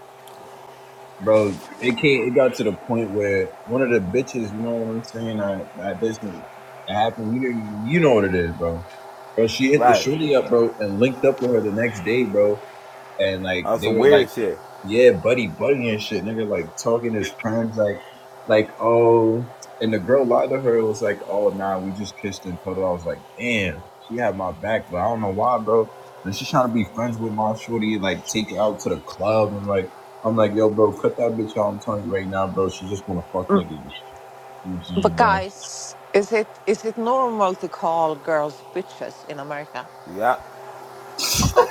bro, it came. It got to the point where one of the bitches, you know what I'm saying? That that this that happened. You know, you know what it is, bro. Bro, she hit the
Right.
shorty up, bro, and linked up with her the next day, bro. And like
On
they
some
were like
weird shit.
yeah, buddy, buddy and shit, nigga, like talking to his friends, like, like, oh, and the girl lied to her. It was like, oh, nah, we just kissed and cuddled. I was like, damn, she had my back, but I don't know why, bro. And she's trying to be friends with my shorty, like take her out to the club. I'm like, I'm like, yo, bro, cut that bitch out. I'm telling you right now, bro. She just wanna fuck niggas.
Mm,
You know what I'm
But
saying, bro?
guys, is it is it normal to call girls bitches in America?
Yeah.
Okay.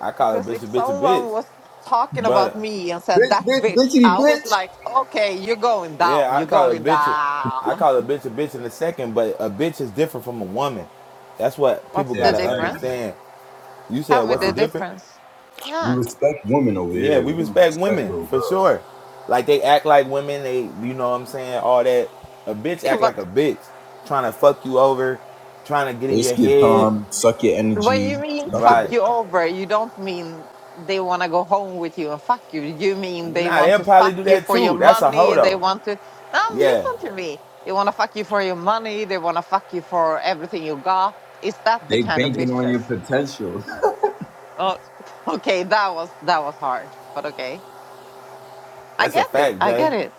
I call it
because
bitch a
if
bitch a bitch.
someone was talking about
But
me and said
Bitch,
that
bitch,
bitch,
bitchity,
I was
bitch.
like, okay, you're going down,
Yeah, I
you're
call a
going
bitch. I
down.
call a bitch a bitch in a second, but a bitch is different from a woman. That's what people
What's
Yeah,
the
gotta
exactly.
difference?
understand. You said
Tell me
what's the
the
Uh-huh.
difference?
difference.
We
Yeah.
respect women over
Yeah,
here.
we
We don't
respect
respect
women
little
for
girls.
sure. Like they act like women. They, you know what I'm saying? All that. A bitch
Yeah,
act
but
like a bitch, trying to fuck you over, trying to get in
Waste
your
your
head.
time, suck your
when you
energy,
mean
suck a
fuck
But
bit.
you over, you don't mean they want to go home with you and fuck you. You mean they
nah,
want
they'll
to
probably
fuck
do
you
that
for your
too. That's a hoe
money. They
though.
want to. Now,
Yeah,
listen to me. They want to fuck you for your money. They want to fuck you for everything you got. Is that the
They
kind of
banking on
bitches?
your potential.
Oh, okay. That was that was hard, but okay. I
that's a
get it.
fact,
I
Jay.
get it.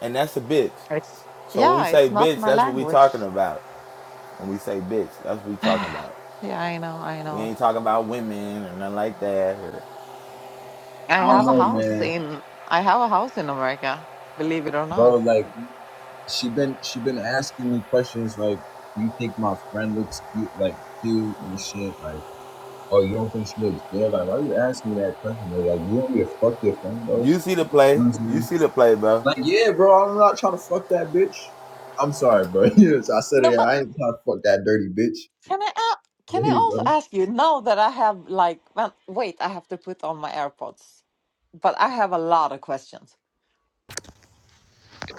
And that's a bitch.
It's
So when we
yeah.
say
It's not
bitch,
my
that's what we
language.
talking about. When we say bitch, that's what we talking
yeah,
about.
I know. I
We
know.
ain't talking about women or nothing like that.
I
I don't
have a
know,
house
man,
in. I have a house in America. Believe it or not.
bro. Like she been she been asking me questions like, "Do you think my friend looks cute?" Like cute and shit. Like, oh, you don't think she looks good? Like, why you asking me that question? Bro? Like, you want me to fuck your friend, bro? You know
You see the play.
what I'm
You
saying?
see the play, bro.
Like, yeah, bro. I'm not trying to fuck that bitch. I'm sorry, bro. yes, I said
No,
it.
but
I ain't trying to fuck that dirty bitch.
can I a- can I
Hey,
also ask you now that I have like well, wait, I have to put on my AirPods, but I have a lot of questions.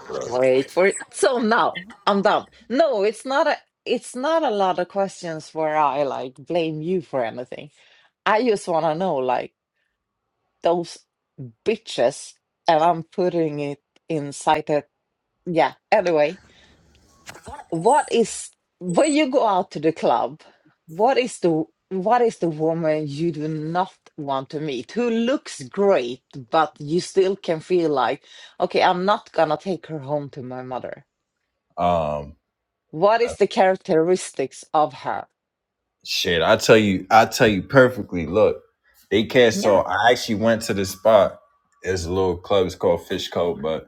bro.
Wait for it. So now I'm done. No, it's not a it's not a lot of questions where I like blame you for anything. I just want to know like those bitches and I'm putting it inside that yeah. Anyway, what is when you go out to the club, what is the what is the woman you do not want to meet who looks great but you still can feel like okay, I'm not gonna take her home to my mother.
Um.
What is the characteristics of her?
Shit, I tell you, I tell you perfectly. Look, they cast
Yeah.
off. I actually went to this spot. It's a little club. It's called Fish Cove, but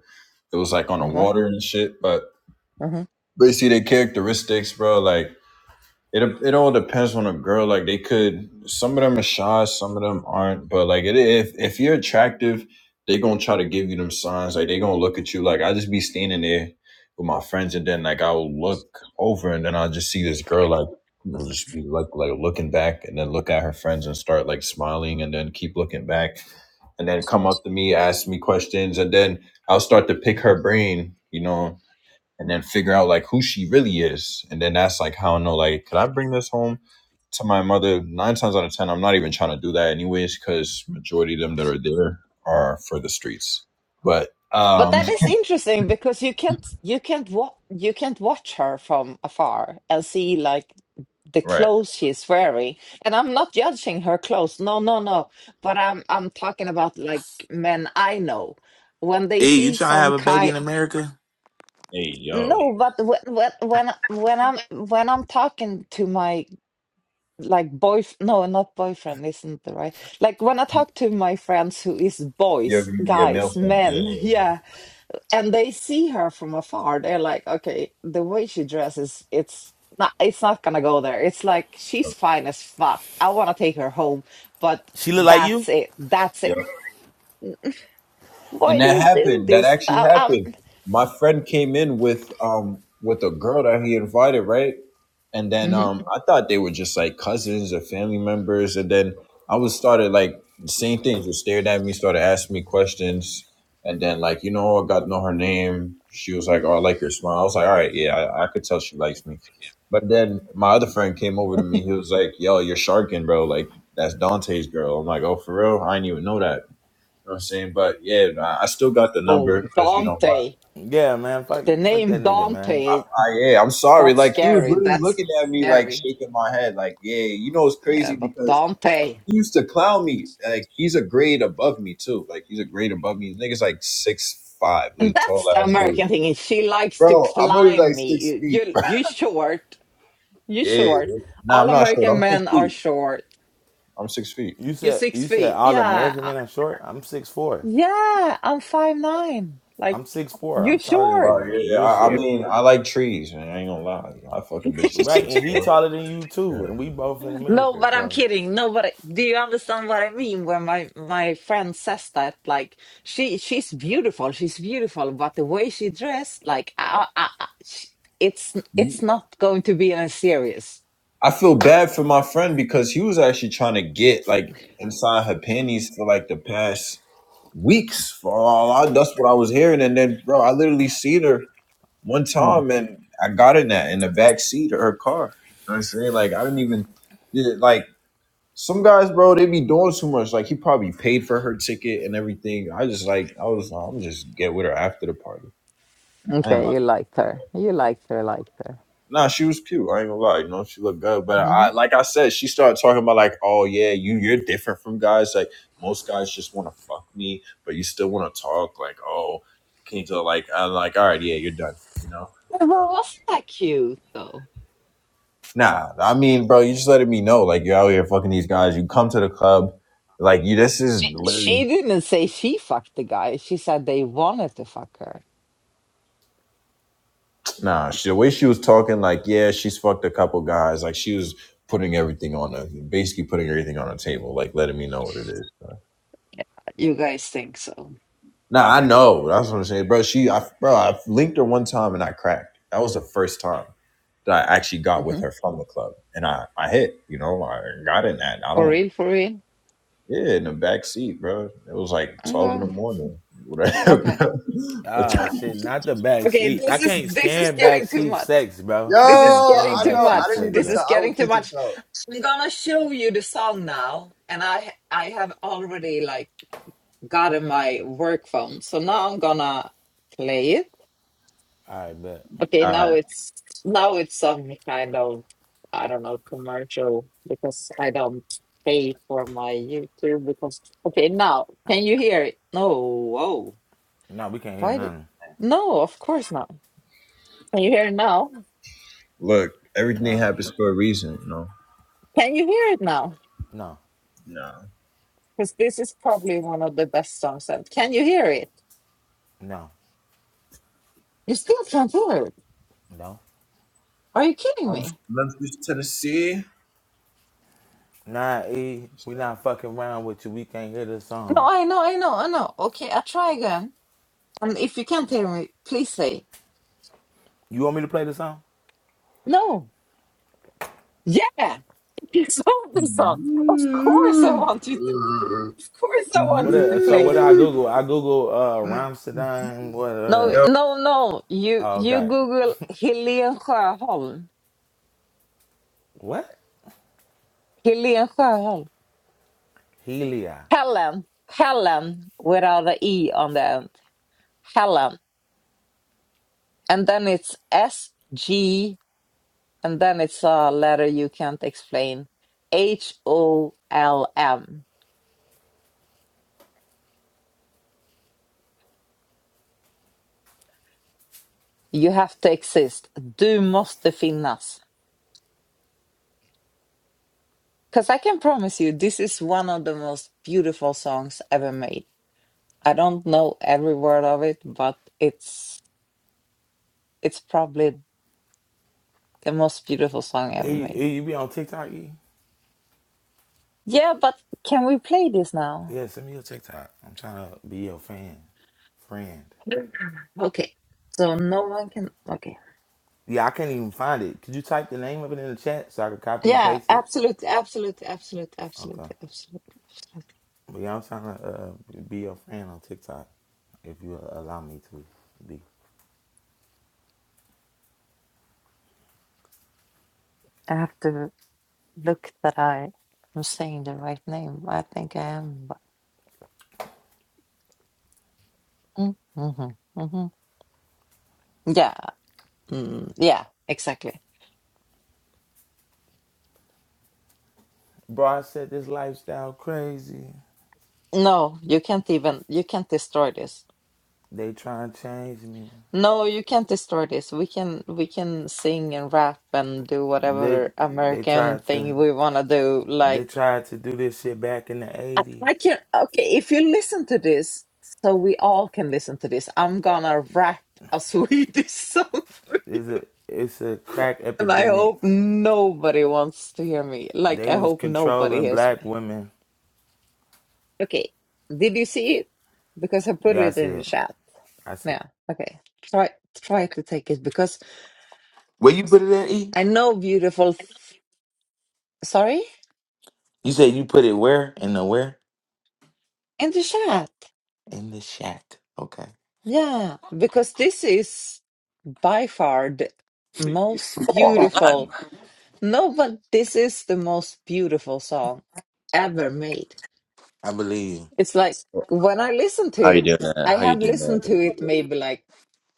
it was like on the
Okay.
water and shit. But
hmm
basically, their characteristics, bro, like it it all depends on a girl. Like they could, some of them are shy, some of them aren't. But like it, if if you're attractive, they gonna try to give you them signs. Like they gonna look at you. Like I just be standing there with my friends, and then like I'll look over, and then I'll just see this girl like. you know, Just be like like looking back, and then look at her friends and start like smiling, and then keep looking back, and then come up to me, ask me questions, and then I'll start to pick her brain, you know, and then figure out like who she really is. And then that's like how I know like could I bring this home to my mother? Nine times out of ten, I'm not even trying to do that anyways, because majority of them that are there are for the streets. But
But
um
that is interesting because you can't you can't wa- you can't watch her from afar and see like the
right.
clothes she's wearing. And I'm not judging her clothes. No, no, no. But I'm I'm talking about like men I know when they
E, you
see
trying to
some
have a baby in
kind.
America?
Hey yo,
No, but when when when I- when I'm when I'm talking to my like boy no not boyfriend isn't the right like when i talk to my friends who is
Yeah,
boys
yeah, male
guys
friend. Yeah,
men
yeah,
yeah and they see her from afar they're like okay the way she dresses it's not it's not gonna go there it's like she's fine as fuck i want to take her home but
She look like you?
that's it that's
yeah.
it why
And
do
that
you do
happened. That
this
actually
uh, um
happened. My friend came in with um with a girl that he invited, right? And then
Mhm.
um I thought they were just like cousins or family members. And then I was started like the same things just stared at me, started asking me questions. And then like, you know, I got to know her name. She was like, Oh, I like your smile. I was like, All right, yeah, I, I could tell she likes me. But then my other friend came over to me. He was like, Yo, you're sharking, bro. Like, that's Dante's girl. I'm like, Oh, for real? I didn't even know that. You know what I'm saying? But yeah, nah, I still got the
oh
number because you know why?
dante
Yeah, man. Fuck,
the
fuck
name
that nigga, man.
dante
I, yeah, I'm sorry.
that's
Like he was
scary
really
that's
looking at me, like
scary
shaking my head, like yeah. You know it's
yeah
crazy
but
because
dante
he used to clown me. Like he's a grade above me too. Like he's a grade above me. This nigga's like six five,
And
like tall
that's the
ass dude.
American thing is she likes to
Bro, I'm only
climb
like
me.
six
You,
feet.
you, you short. You
Yeah,
short.
nah, I'm
All
not sure.
American
I'm six
men are
feet.
short.
I'm six feet.
You
You're
said
six
you said
feet.
all
Yeah.
American
I-
men are short. I'm six foot four.
Yeah. I'm five nine. Like,
I'm six foot four.
you
I'm taller than
short.
But
you.
yeah,
You're
I, I
short,
mean, I like trees, man. I ain't gonna lie. I fuck a bitch to
right?
six
And he
four.
taller than you
Yeah.
too. And we both in
No,
America,
but I'm
so
kidding. No, but do you understand what I mean when my, my friend says that? Like, she, she's beautiful. She's beautiful. But the way she dressed, like, I, I, I- she- it's, it's not going to be as serious.
I feel bad for my friend because he was actually trying to get like inside her panties for like the past weeks. For all I, that's what I was hearing, and then bro, I literally seen her one time, and I got in that in the back seat of her car. You know what I'm saying like I didn't even yeah, like some guys, bro. They be doing too much. Like he probably paid for her ticket and everything. I just like I was I'm just get with her after the party. I'm
Okay, you liked her. You liked her, liked her.
Nah, she was cute. I ain't gonna lie, you know, she looked good. But
hmm
I like I said, she started talking about like, oh yeah, you you're different from guys. Like most guys just wanna fuck me, but you still wanna talk, like, oh, can you tell like I'm like, all right, yeah, you're done, you know?
Well, wasn't that cute though?
Nah, I mean, bro, you just letting me know, like you're out here fucking these guys, you come to the club, like you this is
She
literally
didn't say she fucked the guy. She said they wanted to fuck her.
nah, she, the way she was talking, like, yeah, she's fucked a couple guys, like she was putting everything on the basically putting everything on the table, like letting me know what it is.
You guys think so?
No, I know. That's what I'm saying, bro. She, I, bro, I linked her one time and I cracked. That was the first time that I actually got
hmm
with her from the club, and I, I hit. You know, I got in that. I
For
don't.
real, for real.
Yeah, in the back seat, bro. It was like twelve
Okay.
in the morning. Whatever.
Okay.
Bro. but
ah shit. Not the back
Okay,
seat.
this
I
is
can't
this is
stand back
getting too
seat
much.
sex,
Yo,
bro.
This is getting
Stand
I
too
back
know.
seat
I
much.
didn't
sex,
even
This
bro.
tell.
is
I
getting
don't
too
care to
much.
tell.
I'm gonna show you the song now, and I I have already like gotten my work phone, so now I'm gonna play it.
All right, bet.
Okay, now
Alright,
it's now it's some kind of I don't know commercial because I don't pay for my YouTube because okay now can you hear it? No, whoa,
No, we can't hear
why did
nothing.
no? Of course not. Can you hear it now?
look, everything
No,
happens for a reason, you know.
Can you hear it now?
no,
No,
Because this is probably one of the best songs. i Can you hear it?
no,
You still can't hear it?
no.
Are you kidding
I'm from
me?
Memphis, Tennessee.
Nah, E, we not fucking around with you. We can't hear the
No,
song.
I know, I know, I know. Okay, I'll try again. And if you can't hear me, please say
You want me to play the song?
no. Yeah. You love the song. Of course I wanted to of course I
What
wanted to
else? So what
play
did
it.
I Google? I Google uh Ramstein, what
No
else?
no no. You
Oh,
you
okay.
Google Helene Sjöholm.
What?
Helene Sjöholm.
Helia.
Helen. Helen without a E on the end. Helen. And then it's S G and then it's a letter you can't explain. H O L M. You have to exist. Du måste finnas. Because I can promise you, this is one of the most beautiful songs ever made. I don't know every word of it, but it's it's probably the most beautiful song
E,
ever made.
e, you be on TikTok, E?
Yeah, but can we play this now?
Yeah, send me your TikTok. I'm trying to be your fan. Friend.
Okay. So no one can. Okay.
Yeah, I can't even find it. Could you type the name of it in the chat so I could copy and
Yeah,
paste it?
absolutely, absolutely, absolutely,
Okay.
absolutely, absolutely, absolutely.
But yeah, I'm trying to uh, be your friend on TikTok if you allow me to be.
I have to look that I am saying the right name. I think I am, but mm-hmm, mm-hmm. mm-hmm. yeah, mm, yeah, exactly.
Bro, I said this lifestyle crazy.
No, you can't even you can't destroy this.
They trying to change me.
No, you can't destroy this. We can we can sing and rap and do
They
whatever
they
American
tried to
thing we want to do.
they
Like
tried to do this shit back in the
I,
80s.
I can okay, if you listen to this, so we all can listen to this. I'm gonna rap a Swedish song,
It's a it's a crack
and I
epidemic.
hope nobody wants to hear me. Like
They
I
was
hope nobody
controlling
hears
black
me.
women.
Okay, did you see it? Because I put
Yeah, I
it in the
said.
chat.
I said.
Yeah. Okay. Try try to take it because.
Where you put it at, E?
I know beautiful. f- Sorry?
You said you put it where? In the where?
In the chat.
In the shack. Okay.
Yeah, because this is by far the most
Come on.
beautiful. No, but this is the most beautiful song ever made.
I believe
It's like when I listen to
How you
it,
doing that?
I
How you
have
doing
listened
that?
to it maybe like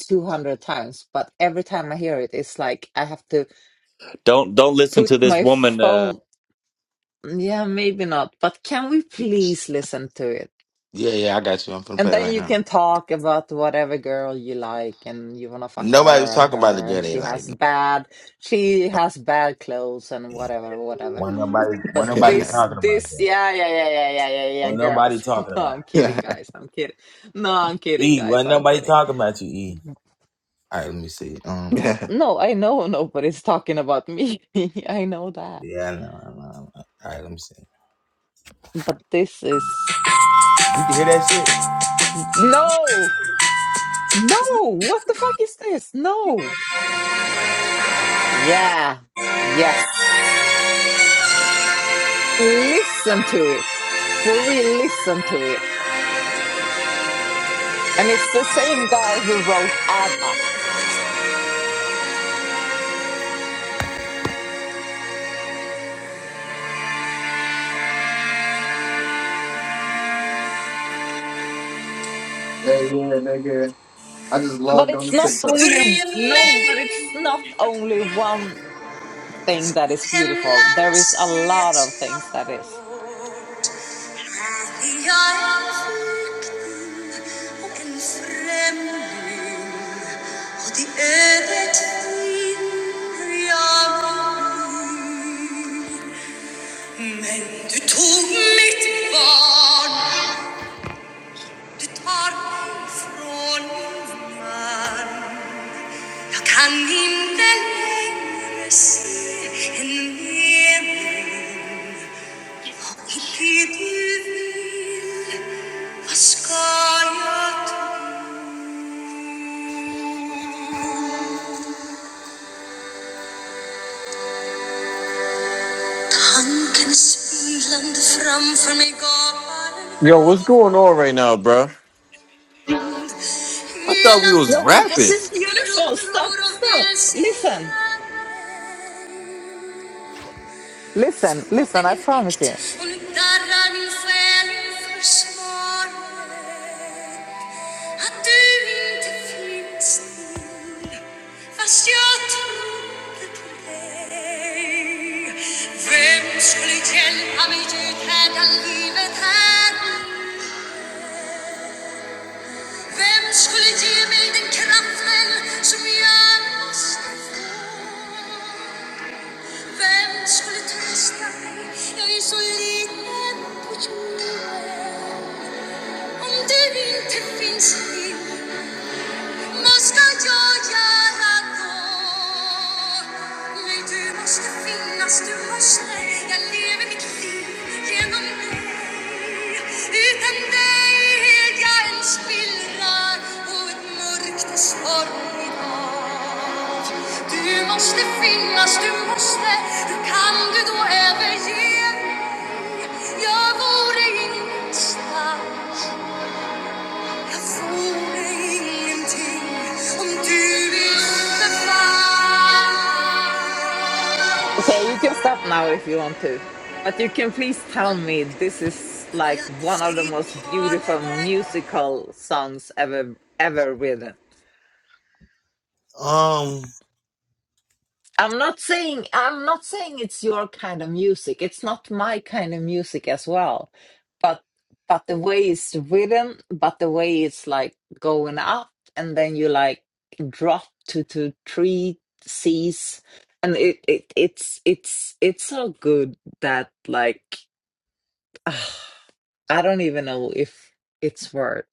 200 times, but every time I hear it, it's like I have to
Don't don't listen to
put
this
my
woman. Uh,
phone. Yeah, maybe not, but can we
you.
please listen to it?
Yeah, yeah, I got you. I'm finna
And
play it
then
right
you
now.
can talk about whatever girl you like and you wanna fuck
Nobody was
her and
talking about the
her
girl.
and she
they
has
like.
bad she has bad clothes and whatever, whatever.
When nobody, when
But
nobody
this
talking about
this
that.
yeah yeah yeah yeah yeah yeah yeah
When nobody
girls.
talking
No,
about
I'm kidding guys, I'm kidding. No, I'm
it.
kidding
E.
guys,
When
I'm
nobody
kidding.
talking about you. E. All right, let me see. Um,
No, I know nobody's talking about me. I know that.
yeah, I know, I know. I know. All right, let me see.
But this is
You can hear that
no! No! What the fuck is this? No! Yeah. Yes. Listen to it. For real, listen to it. And it's the same guy who wrote ABBA.
Hey, yeah, nigga. I just
But
logged on to
it's not
TikTok.
only no, but it's
shit?
not only one thing that
Im
is beautiful.
Land
There is a lot of
steht
things
noch
that is.
Brot, Maria erfüllten und in Fremden, und die Ödet ihn ja Men du tog mitt barn, du tar mig från min man. Jag kan inte längre se en mening 이티디빌 아스카야트 Tanken svindlande framför mig gapar
Yo, what's going on right now, bro? I thought
Hela
we was
No, but this
rapping.
tusen
is
jag
beautiful.
ropar
Stop,
och vill
stop.
se
Listen.
dig
Listen, listen,
Smoken
I
i
promise
flykt
you.
och nu darrar min själ inför svaret att du inte finns till fast jag trodde på dig. Vem skulle hjälpa mig uthärda livet här Vem skulle ge mig den kraften som jag måste få? Vem skulle trösta mig? Jag är så liten på jorden. Om du inte finns i Måste jag göra då? Nej, du måste finnas, du måste. Jag lever mitt liv genom dig. Utan dig är jag en spillra och ett mörkt och sorgligt hav. Du måste finnas, du måste. Hur kan du då överge mig? Jag vore ingenstans Oh
Okay, you can stop now if you want to. But you can please tell me this is like one of the most beautiful musical songs ever ever written. I'm not saying I'm not saying it's your kind of music. It's not my kind of music as well. But but the way it's written, but the way it's like going up and then you like drop to to three C's and it, it it's it's it's so good that like I don't even know if it's worth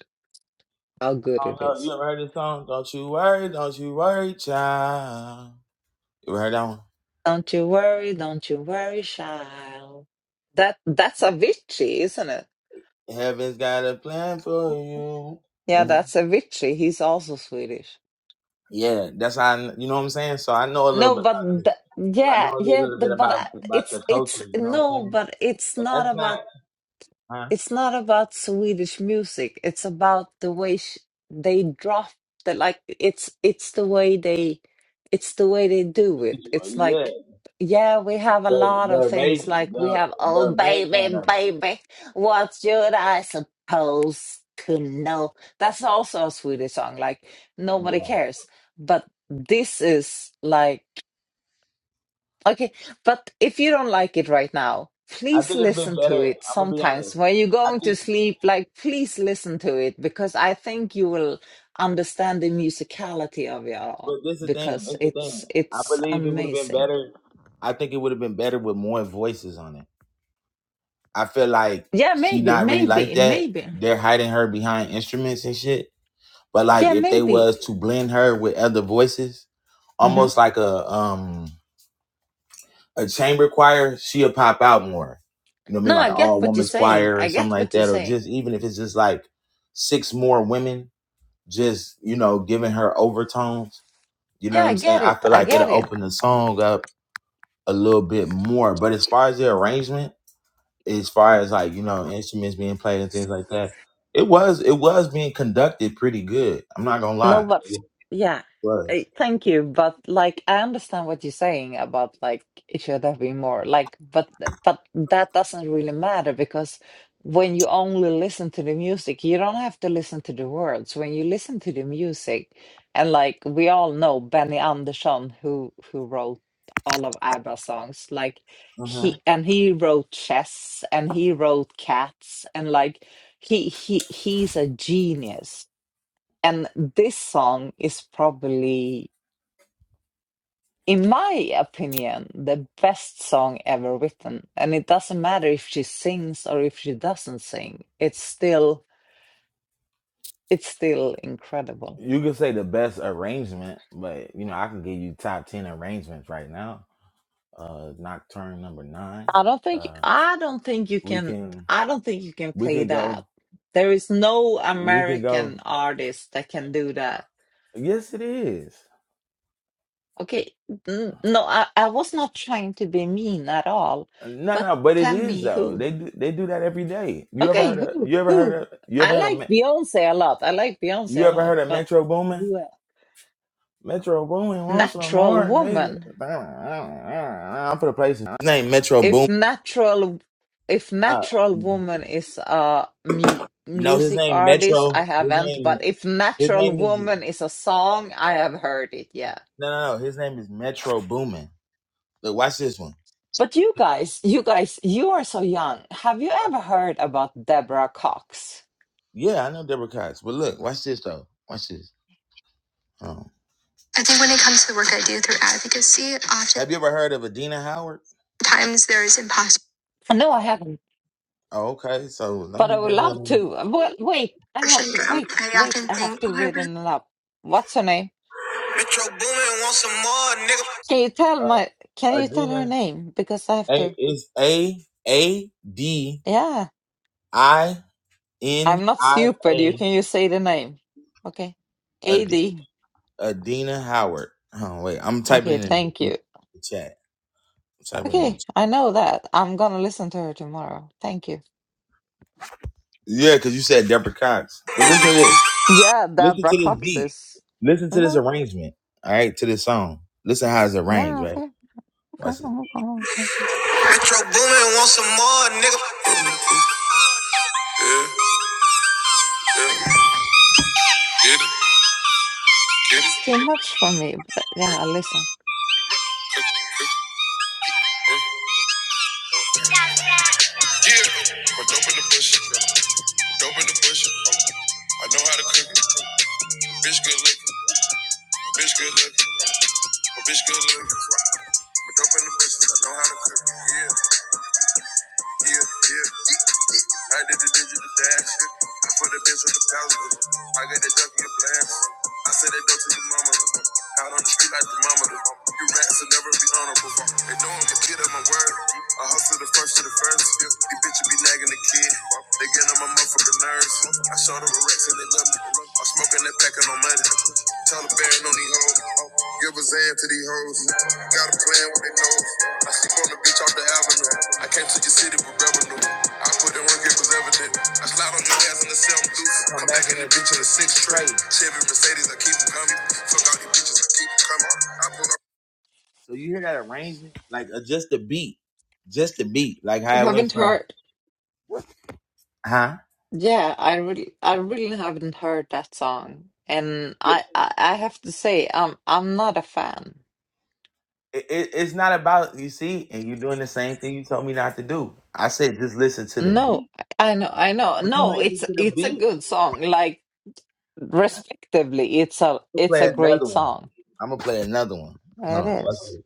how good it
no, you
is.
ever heard this song? Don't you worry, don't you worry, child. You ever heard that one?
Don't you worry, don't you worry, child. That that's a Avicii, isn't it?
Heaven's got a plan for you.
Yeah,
hmm
that's a victory. He's also Swedish.
Yeah, that's how I, kn- you know what I'm saying. So I know a little bit.
No,
About
but
this.
th-
I know
yeah,
a
yeah,
little
the,
bit
but
about
uh,
about
it's
your
it's
culture. You know what I'm
no,
saying?
but it's not
That's
about.
not, huh?
it's not about Swedish music. It's about the way sh they drop the like it's it's the way they it's the way they do it. It's
Yeah.
like yeah, we have a
The
lot
the
of
arrange
things like we
the
have
the
oh
arrangement
baby
of
baby, what should I suppose to know? That's also a Swedish song like
it.
nobody
Yeah.
cares. But this is like Okay, but if you don't like it right now,
I
please
think it'd have
listen
been
to
better.
it
I'm gonna be
sometimes
honest.
when you're
I
going to
think,
sleep. Like, please listen to it because I think you will understand the musicality of it all
but this is the thing. This
because
is the
it's
thing. I
it's
believe it would have been
amazing.
better. I think it would have been better with more voices on it. I feel like
Yeah,
she
maybe,
not really like
maybe,
that.
maybe.
They're hiding her behind instruments and shit. But like,
Yeah,
if they
maybe.
was to blend her with other voices,
hmm
almost like a um a chamber choir, she'll pop out more. You know what I mean?
No,
Like
I
an
get
all
what you're
women's
saying.
choir or
I
something
get
like
what you're
that, or
saying.
just even if it's just like six more women, just you know, giving her overtones. You know
Yeah,
what
I
I'm saying?
get
I
it.
feel
I
like
get
it'll
it.
open the song up a little bit more. But as far as the arrangement, as far as like you know instruments being played and things like that, it was it was being conducted pretty good. I'm not gonna lie,
No,
it
but yeah, Eh,
was.
thank you. But like, I understand what you're saying about like it should have been more. Like, but but that doesn't really matter because when you only listen to the music, you don't have to listen to the words. When you listen to the music, and like we all know Benny Andersson, who who wrote all of ABBA songs, like
Mhm.
he and he wrote Chess and he wrote Cats and like he he he's a genius and this song is probably, in my opinion, the best song ever written. And it doesn't matter if she sings or if she doesn't sing. It's still it's still incredible.
You could say the best arrangement, but you know I can give you top ten arrangements right now uh nocturne number nine
I don't think
uh
I don't think you
we
can
can
I don't think you can
we
play
can
that.
go
There is no
we can go
American artist that can do that.
yes it is
Okay, n- no, I, I was not trying to be mean at all,
no
but
no but it
tell
is
me
though
who.
they do they do that every day you ever
Okay,
heard of
who
you ever heard
who?
of you
I
ever heard of
like
Me-
Beyonce a lot. I like
you
Beyonce a
ever
lot,
heard of
but
metro Boomin?
who else?
metro Boomin wants some
Natural
more nigga
Woman.
i'm for the place his name metro
If
Boomin.
natural, if
uh,
natural woman is a mu-
no his
music
name
artist, I
metro his
haven't.
name
But if
his
natural
name is
woman is a song, I have heard it. Yeah.
no no no his name is metro Boomin. look watch this one
But you guys, you guys, you are so young. Have you ever heard about Deborah Cox?
Yeah, I know Deborah Cox. But look, watch this though. Watch this. Um, I think when it comes to the work I do through advocacy, often. Have you ever heard of Adina Howard? Times there is imposter
No, I haven't.
Oh, okay, so don't
But
be
I would
bringing that
love to.
up.
Well, wait, I have to
Syndrome.
wait,
I
wait,
often
I have
think,
to
oh, I
read
really.
it up. What's her name?
Metro Boomin wants some more, nigga.
Can you tell my, can
Uh,
you tell her
Adina,
name? Because I have
A
to,
is A A D
yeah,
I N
I'm not
I
stupid. You
A.
can you say the name? Okay.
Ad-
AD.
Adina Howard. Oh wait, I'm typing
Okay,
it
thank
in
you.
the chat. I'm Typing it in. the
Okay, I know that. I'm gonna listen to her tomorrow. Thank you.
Yeah, because you said Deborah Cox. But listen to this.
Yeah,
Listen
Deborah
to this
Cox
beat.
is.
Listen to this
Well,
arrangement. All right, to this song. Listen how it's arranged,
yeah,
right?
okay, okay,
Watch this.
okay. okay.
Metro Boomin want some more, nigga. Yeah, get it, get it, get it.
It's too much for me, but yeah, I'll listen.
Yeah. But dope in the bush, dope in the bush. I know how to cook it. Bitch good looking, bitch good looking, bitch good looking. But dope in the bush, I know how to cook it. Yeah. Yeah, yeah. I did the digital dash. I put the bitch on the pallet. I got that junk in your blast. I said that dope to your mama. Out on the street like the mama. You rats will never be honorable. They know I'm a kid of my word. I hustle the first to the first. These bitches be nagging the kid. They get on my motherfucking nerves. I showed them a Rex and they love me. I'm smoking that packet on Monday. Taliban on these hoes. Give a zan to these hoes. Got a plan with they nose. I sleep on the bitch off the avenue. I came to your city with revenue. I put in work, it was evident. I slide on your ass in the seven deuce. Come back in the bitch in the six straight. Chevy Mercedes, I keep them coming. Fuck all these bitches, I keep them coming. I put up. so you hear that arrangement? Like uh, just the beat, just the beat, like how
You
it went
haven't
from,
heard.
huh?
Yeah, I really, I really haven't heard that song, and I, I, I have to say, I'm, I'm not a fan.
it, it, it's not about you see, and you're doing the same thing you told me not to do. I said just listen to the
No,
beat.
I know, I know,
When you
no,
listen
it's,
to the
it's a
beat,
good song. Like, respectively, it's a,
you can
it's
play
a great
another one.
song.
I'm gonna play another one. Hold
It
on,
is.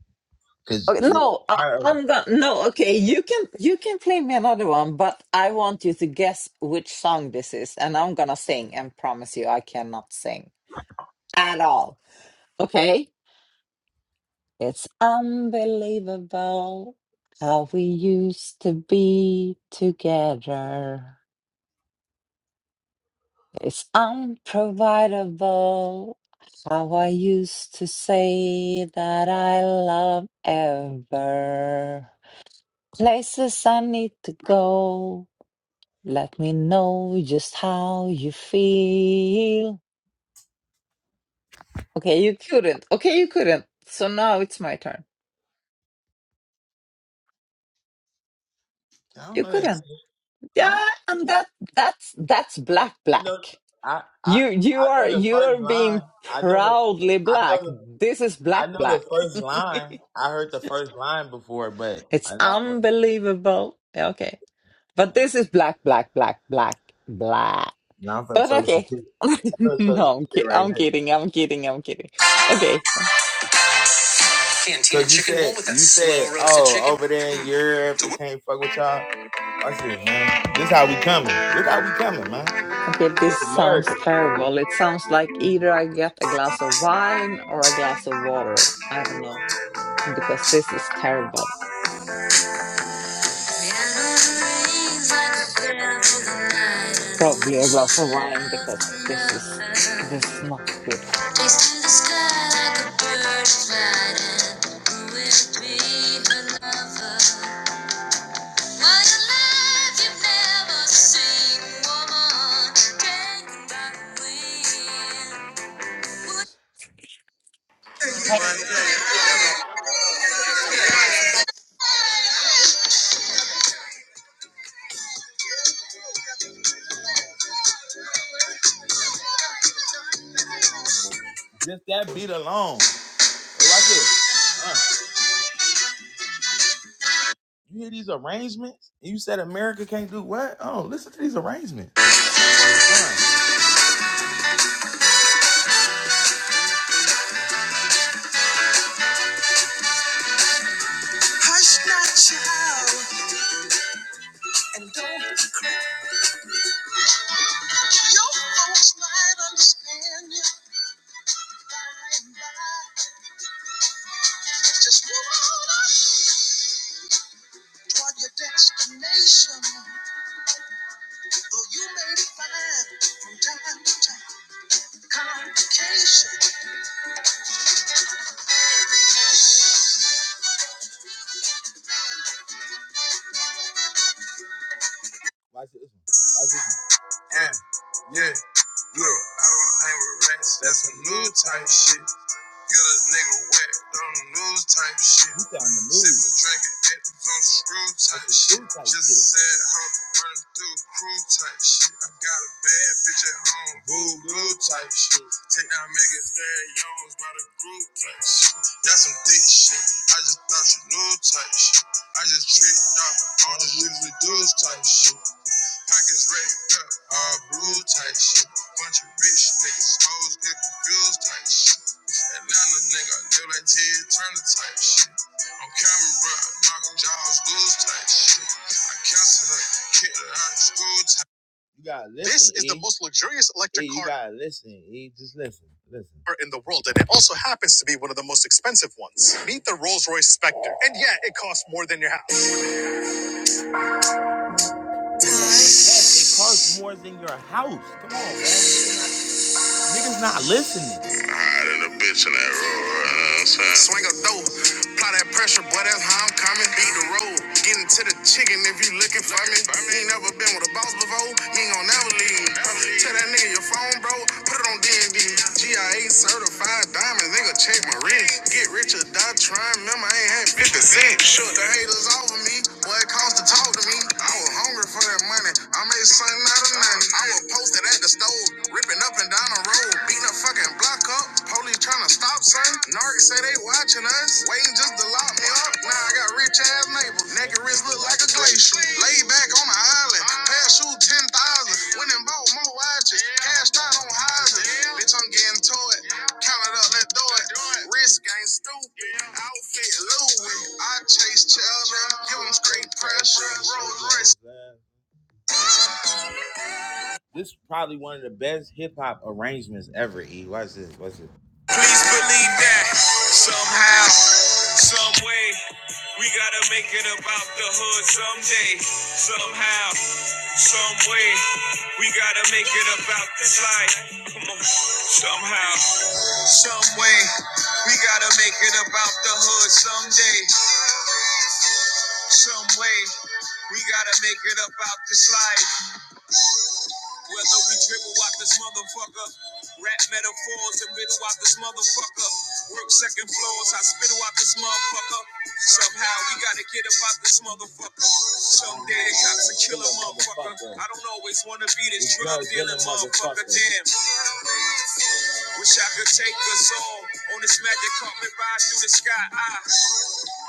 because
Okay, no, I,
I,
I'm gonna, no, okay, you can, you can play me another one, but I want you to guess which song this is, and I'm gonna sing and promise you I cannot sing at all. Okay? It's unbelievable how we used to be together. It's unprovidable how I used to say that I love ever. Places I need to go. Let me know just how you feel. Okay, you couldn't. Okay, you couldn't. So now it's my turn.
don't
You
know that.
couldn't.
I,
Yeah,
don't,
and that that's that's black
I know.
black.
I, I
You you
I
are
know the
you are
first
being
line. I know the.
proudly
I
black.
know the.
This is
I
black
know
black.
the first line. I heard the first line before, but
It's
I don't know.
unbelievable. Okay. But
I know.
this is black black black black black.
Now I'm from
But
Soul
okay.
City. I'm from Soul City
no, I'm ki-
right
I'm
here.
kidding. I'm kidding. I'm kidding. Okay.
So you said, you said, oh, over there in Europe, we can't fuck with y'all. I said, man, this how we coming. Look how we coming, man.
Okay, this
It's
sounds
America.
terrible. It sounds like either I get a glass of wine or a glass of water. I don't know because this is terrible. S- Probably a glass of wine because this is this is not good.
Just that beat alone. Like this. Uh, you hear these arrangements? You said America can't do what? Oh, listen to these arrangements. Uh. destination, though you may find from time to time. Watch this one. Watch this one. Yeah, yeah, look, I don't hang with rats. That's a new type shit. Get a nigga wet on the news type shit. You sound the news. Sippin' drinkin' at the on screw type shit. Just a sad hoe running through the crew type shit. I got a bad bitch at home, boo blue type shit. Take down Megan Thad Youngs by the group type shit. That's some thick shit. I just thought you knew type shit. I just tricked out all the usually dudes type shit. Pockets raked up, all blue type shit. Bunch of rich niggas, hoes get confused type shit. Atlanta nigga, live like Ted Turner type shit. On camera, bro, knock jaws loose type shit. I cancel her, kick her out of school type. You gotta listen. This is e. the E. most luxurious electric E, you car. You gotta listen. E, just listen, listen. In the world, and it also happens to be one of the most expensive ones. Meet the Rolls Royce Spectre, and yeah, it costs more than your house. Yes, it costs more than your house. Come on, man. Niggas not listening. Swing a dope, apply that pressure, boy. That's how I'm coming. Beat the road, getting to the chicken if you looking for me. You ain't never been with a boss before, you ain't gon' never leave. Tell that nigga your phone, bro. Put it on D&D. GIA certified diamonds, nigga. Check my wrist. Get rich or die trying. Remember, I ain't had 50 cents. Shook the haters off of me. Boy, it cost to talk talk to me. I was hungry for that money. I made something out of nothing. I was posted at the stove, ripping up and down the road, beating a fucking block up. Police trying to stop, son. Narc say they watching us, waiting just to lock me up. Now I got rich ass neighbors. Naked wrist look like a glacier. Laid back on the island, pass shoot 10,000. Went and bought more watches, cashed out on houses. Bitch, I'm getting to it. Counted up that dough Risk ain't stupid. Outfit Louis. I chase Chandler. Give him straight pressure. This is probably one of the best hip hop arrangements ever. E, watch this. Watch this. Please believe that somehow, some we gotta make it about the hood someday. Somehow, some we gotta make it about this life. We gotta make it about the hood someday. Hey, we gotta make it about this life. So we dribble out this motherfucker. Rap metaphors and riddle out this motherfucker. Work second floors, I spittle out this motherfucker. Somehow we gotta get about this motherfucker. Someday the cops will kill a motherfucker. I don't always wanna be this drug dealing motherfucker. Damn. Wish I could take us all on this magic carpet ride through the sky. I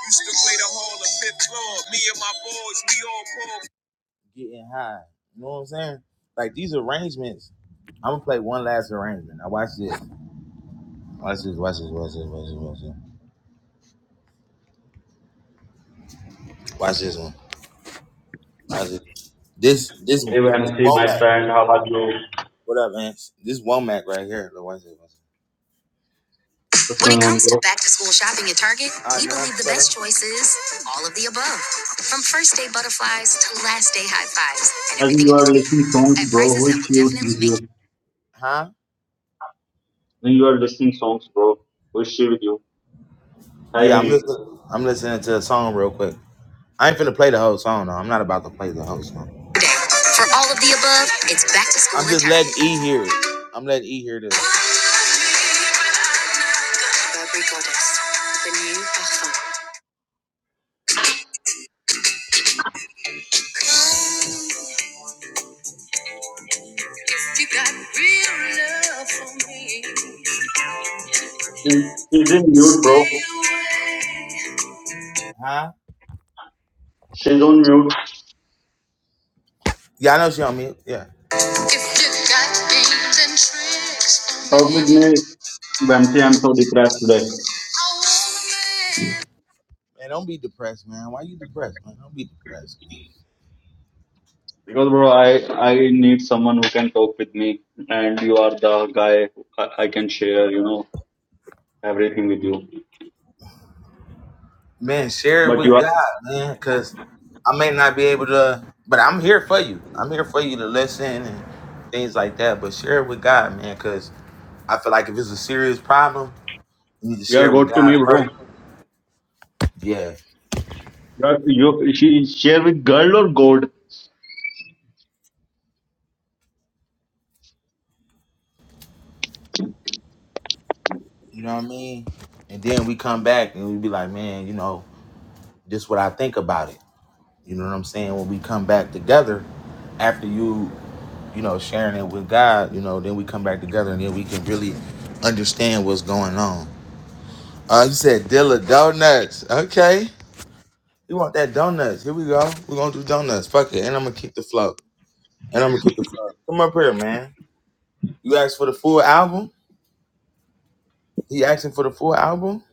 used to play the hall of fifth floor. Me and my boys, we all poor getting high. You know what I'm saying? Like these arrangements. I'm gonna play one last arrangement. Now watch this. Watch this. Watch this. Watch this. Watch this. Watch this. Watch this one. Watch
Hey
this. This this this
Vamsi, my
Womack.
friend, how are you?
What up, man? This Womack right here. Look, watch this. Watch this.
What's
When it
going on,
comes to
bro?
back to school shopping at Target, I we know, believe the brother. best choice is all of the above. From first day butterflies to last day high fives and
I think
everything
you
in
are
between
listening songs,
at
bro. Who
prices that
is
will
she with
definitely make you.
you?
Huh?
I think you are listening songs, bro. Who is she with you? Hi.
Yeah, I'm listening. I'm listening to a song real quick. I ain't finna play the whole song though. I'm not about to play the whole song. For all of the above, it's back to school. I'm just letting E hear it. I'm letting E hear this. Burberry Goddess, the new Garfunkel. You got real love for me.
She's she's in mute, bro.
Stay away. Huh?
She's on mute.
Yeah, I know she on mute. Yeah. If you got games and tricks for me,
Talk with me, Vamsi. I'm so depressed today.
I want a man. Man, don't be depressed, man. Why you depressed, man? Don't be depressed, man.
Because, bro, I, I need someone who can talk with me. And you are the guy who I, I can share, you know, everything with you.
Man, share it
But you
with
are,
God, man, because I may not be able to, but I'm here for you. I'm here for you to listen and things like that. But share it with God, man, because I feel like if it's a serious problem, you need to
you are
share it with
God to me,
God
bro.
first. Yeah.
You are, you, she, share with girl or God?
You know what I mean? And then we come back and we be like, man, you know, this is what I think about it. You know what I'm saying? When we come back together after you, you know, sharing it with God, you know, then we come back together and then we can really understand what's going on. Uh, you said Dilla Donuts. Okay. You want that donuts. Here we go. We're going to do donuts. Fuck it. And I'm going to kick the flow. And I'm going to kick the flow. Come up here, man. You asked for the full album? He asking for the full album?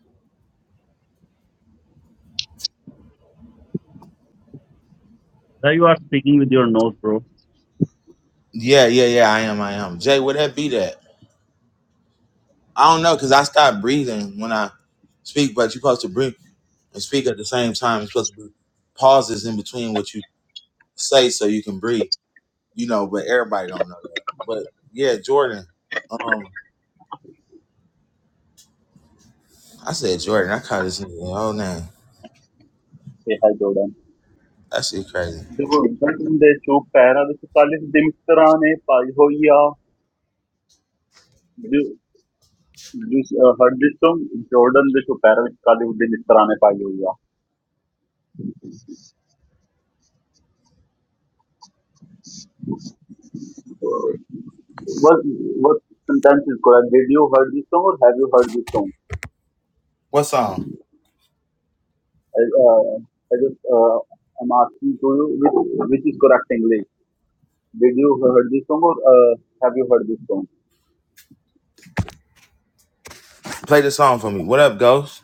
Sir, you are speaking with your nose, bro.
Yeah, yeah, yeah. I am. I am. Jay, where that be that? I don't know because I stopped breathing when I speak, but you supposed to breathe. and speak at the same time. It's supposed to be pauses in between what you say so you can breathe. You know, but everybody don't know that. But yeah, Jordan. Um, I said Jordan. I called this nigga whole name.
Hey, hi Jordan.
That shit crazy.
देखो गण दे चौक पहरा दे कालिस दिमिक तरह ने पाई हो या जो जो her this तुम जॉर्डन दे चौक पहरा दे कालिस दिमिक तरह ने पाई हो या what what sentence is correct did you heard this song or have you heard this song
What song?
I, uh, I just uh, I'm asking to you which which is correct English did you heard this song or uh, have you heard this song
Play the song for me. What up, Ghost?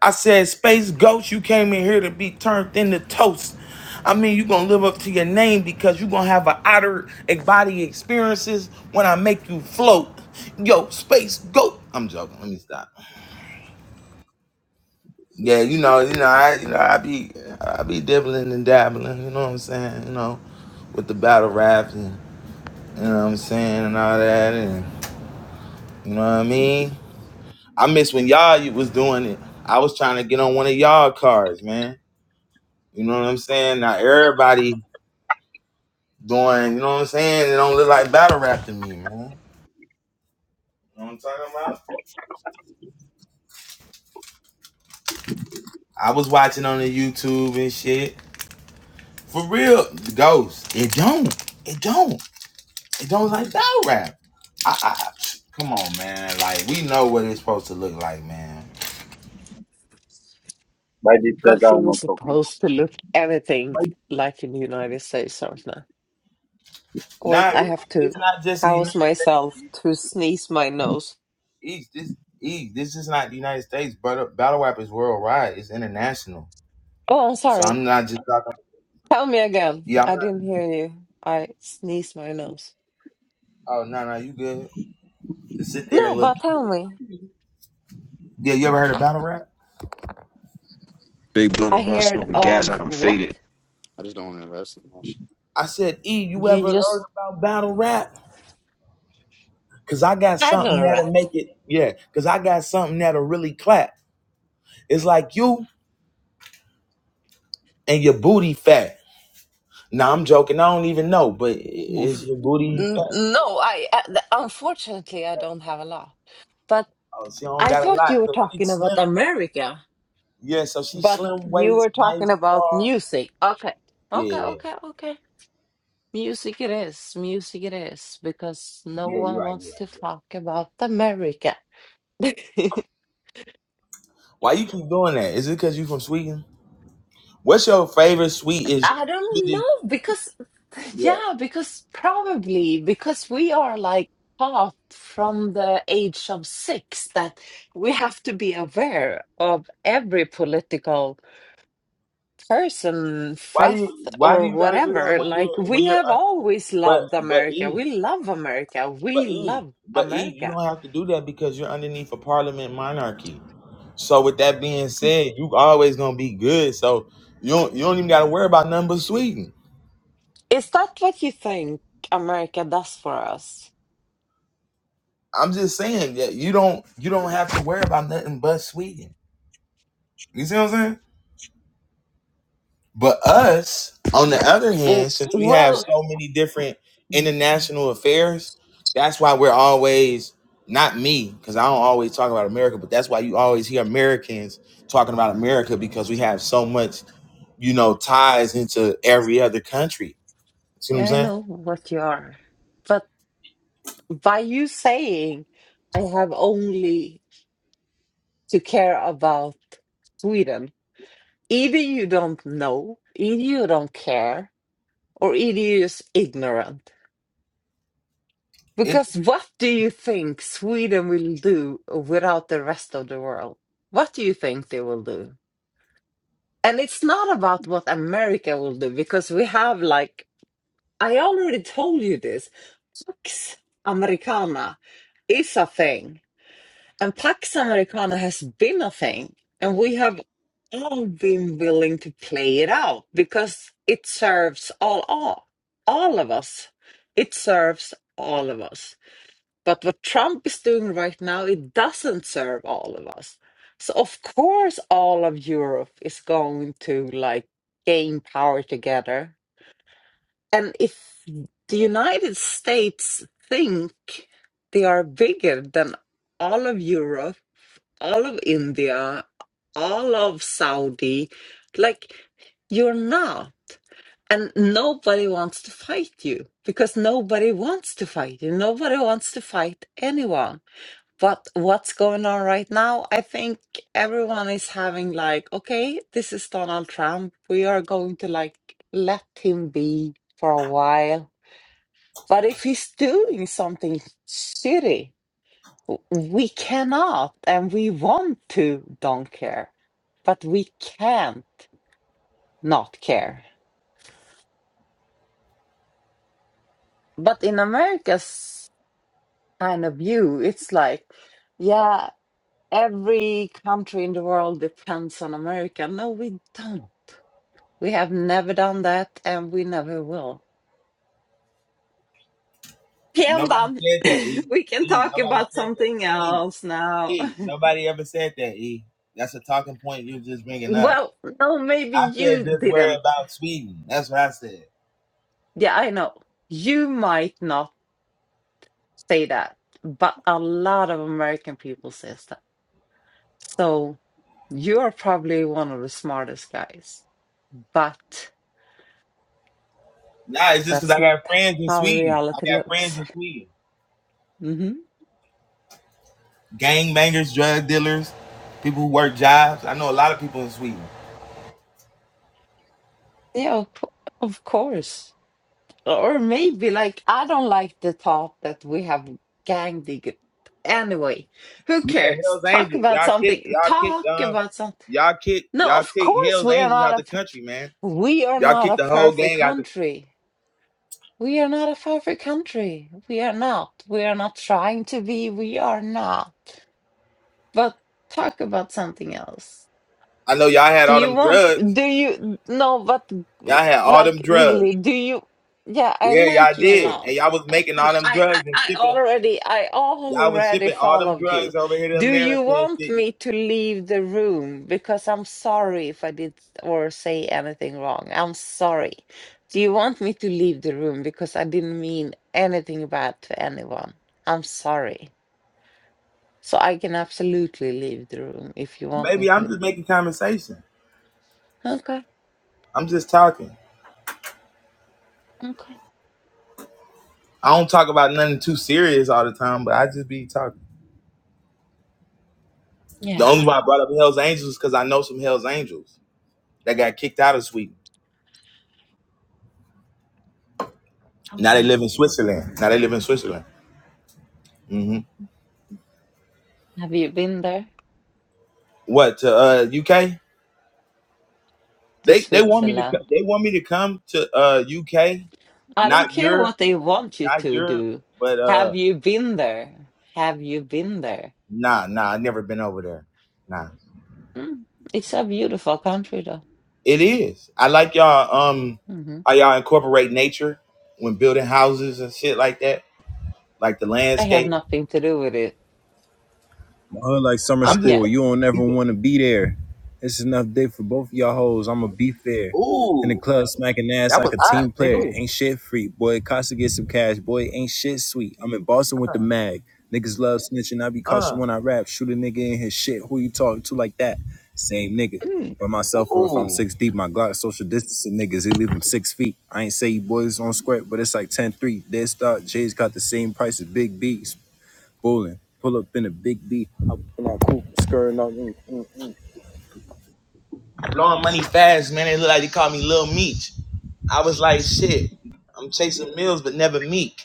I said, Space Ghost, you came in here to be turned into toast. I mean, you gonna live up to your name because you gonna have an outer body experiences when I make you float. Yo, Space Ghost. I'm joking. Let me stop. Yeah, you know, you know, I, you know, I be, I be dibbling and dabbling. You know what I'm saying? You know, with the battle raps and you know what I'm saying and all that, and you know what I mean. I miss when y'all you was doing it. I was trying to get on one of y'all cars, man. You know what I'm saying? Now everybody doing, you know what I'm saying? It don't look like battle rap to me, man. You know what I'm talking about? I was watching on the YouTube and shit. For real, the ghost. It don't. It don't. It don't like battle rap. I, I, come on, man. Like we know what it's supposed to look like, man.
by this that
Nothing
I'm
was
not talking
supposed to look anything like in the United States right now. Wait,
Nah,
I
it's,
have to
it's not just the United
pause myself to sneeze my nose.
States. This East. This is not the United States, but battle rap is worldwide. It's international.
Oh, I'm
So
sorry.
I'm not just talking.
Tell me again.
Yeah. I'm
I
not,
didn't hear you. I sneezed my nose.
oh no, no, you good? Just sit there
No,
and look.
but tell me.
Yeah, you ever heard of battle rap?
Big blood
I
and rust
heard
smoking gas like
of
I'm
what?
faded.
I said, E, you
You
ever heard
just
about battle rap? Cause I got
had
something
a
that'll
rat.
make it. Yeah. Cause I got something that'll really clap. It's like you and your booty fat. Nah, I'm joking. I don't even know, but i- is
Oof.
your booty fat?
N- No, I uh, th- unfortunately I don't have a laugh. But
Oh, she don't
I
got a
thought
lot,
you were
so she's
talking about
slim.
America.
Yeah, so she's
But
slim
you
waist,
were
nice
talking about
tall.
music. Okay.
Yeah,
Okay,
yeah,
okay, okay. Music it is. Music it is. Because no
yeah. You're
one
right. You're
wants
right.
to talk about America. I
Why you keep doing that? Is it because you from Sweden? What's your favorite sweet is
don't
Swedish?
know. Because,
Yeah.
yeah, because probably because we are like taught from the age of six that we have to be aware of every political. person,
Why do you
Freth,
Why do
or
you gotta do that
whatever.
when
Like,
you when
we
you're
have
uh,
always
but
loved
but
America.
eat?
We love America.
But
We
E,
love
but E, you
America.
don't have to do that because you're underneath a parliament monarchy. So with that being said, you always gonna be good. So you don't you don't even gotta worry about nothing but Sweden.
Is that what you think America does for us?
I'm just saying that you don't you don't have to worry about nothing but Sweden. You see what I'm saying? But us, on the other
W-
hand, since we have
Well,
so many different international affairs, that's why we're always not me, because I don't always talk about America, but that's why you always hear Americans talking about America because we have so much you know, ties into every other country. See what I'm
I
saying?
know what you are. But by you saying, I have only to care about Sweden, either you don't know, either you don't care, or either you're just ignorant.
It,
Because what do you think Sweden will do without the rest of the world? What do you think they will do? And it's not about what America will do because we have like I already told you this. Pax Americana is a thing, and Pax Americana has been a thing, and we have all been willing to play it out because it serves all all all of us. It serves all of us but what Trump is doing right now, it doesn't serve all of us. So of course, all of Europe is going to like gain power together. And if the United States think they are bigger than all of Europe, all of India, all of Saudi, like you're not. And nobody wants to fight you because nobody wants to fight you. Nobody wants to fight anyone what what's going on right now i think everyone is having like okay this is donald trump we are going to like let him be for a while but if he's doing something shitty w- we cannot and we want to don't care but we can't not care but in america's kind of view it's like yeah every country in the world depends on america no we don't We have never done that and we never will.
nobody
Kanban.
said that. E.
we can
E.
talk
Nobody
about
said that.
something
E.
else now.
E. Nobody ever said that. E. That's a talking point you are just bringing up.
well, no, maybe
I
you
said just worry
didn't.
about Sweden. That's what I said.
Yeah, I know. You might not say that, but a lot of American people says that. So you are probably one of the smartest guys, but
Nah, it's just because
that's
I
not
got friends in
how
Sweden. I
reality
got
looks.
friends in Sweden.
hmm
Gangbangers, drug dealers, people who work jobs. I know a lot of people in Sweden.
Yeah, of, co- of course. Or maybe like I don't like the thought that we have gang dig. Anyway, who
Yeah,
cares?
Hell's
Talk
Angels.
about
Y'all kick,
something.
y'all kick,
Talk
um,
about something.
y'all kick,
No,
y'all
of
kick
course
Hell's
we are
Angels
not
out
a
the country, man.
we are
Y'all
not
kicked the
a
whole
perfect
gang out. The,
country. We are not a perfect country. We are not. We are not trying to be. We are not. But talk about something else.
I know y'all had
Do
all
you
them
want?
drugs.
Do you no? But
Y'all had all
like
them drugs.
really? Do you? Yeah, I
Yeah, y'all
like you a
did.
lot
And y'all was making all
Yes.
them
I, I
drugs and
I
shipping.
already I
Y'all was
already
shipping all them
followed
drugs
you.
over here to
Do you
America and
want
shit.
me to leave the room? Because I'm sorry if I did or say anything wrong. I'm sorry. Do you want me to leave the room? Because I didn't mean anything bad to anyone. I'm sorry. So I can absolutely leave the room if you want me
Baby, I'm
to.
just making conversation.
Okay,
I'm just talking.
okay.
I don't talk about nothing too serious all the time, but I just be talking. The
Yeah,
only why I brought up Hell's Angels is because I know some Hell's Angels that got kicked out of Sweden. Now they
okay.
live in Switzerland. Now they live in Switzerland. hmm
Have you been there
What to uh, UK?
to
They they want me to
Switzerland?
co- they want me to come to uh UK,
I don't
not
care
Europe,
what they want you
not
to
Europe,
do.
but uh
Have you been there? Have you been there?
nah nah I've never been over there. Nah,
Mm. It's a beautiful country, though.
it is. I like y'all um
hmm
how y'all incorporate nature when building houses and shit like that, like the
I have
landscape.
nothing to do with it,
My hood like summer
but
I'm just
yeah.
school. You don't
he
never
said,
want to be there. It's enough day for both of y'all hoes. I'ma be fair. In the
ooh
club, smacking ass
that
like a
was hot,
team
nigga.
player.
Oh,
Ain't shit free. Boy, Costa get some cash. Boy, ain't shit sweet. I'm in Boston with the mag. Niggas love snitching. I be cautious
Uh
when I rap. Shoot a nigga in his shit. Who you talking to like that? Same nigga.
hmm.
By myself, or if I'm
ooh
six deep, my Glock social distancing niggas, he leave them six feet. I ain't say you boys on square, but it's like 10 3. Dead start, J's got the same price as Big B. Bowling. Pull up in a big B. I pull out cool.
blowing money fast, man. They look like they call me Lil Meech. I was like shit. I'm chasing meals but never meek.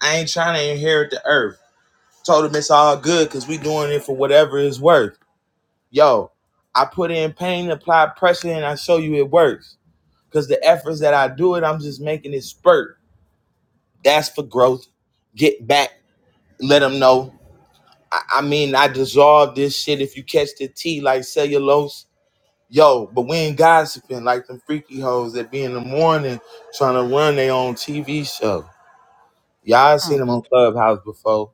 I ain't trying to inherit the earth. told him it's all good because we doing it for whatever it's worth. Yo, I put in pain, apply pressure, and I show you it works. Because the efforts that I do it, I'm just making it spurt. That's for growth. Get back, let them know. I, I mean, I dissolve this shit if you catch the tea like cellulose. Yo, but we ain't gossiping like them freaky hoes that be in the morning trying to run their own TV show. Y'all seen
Mm.
them on Clubhouse before.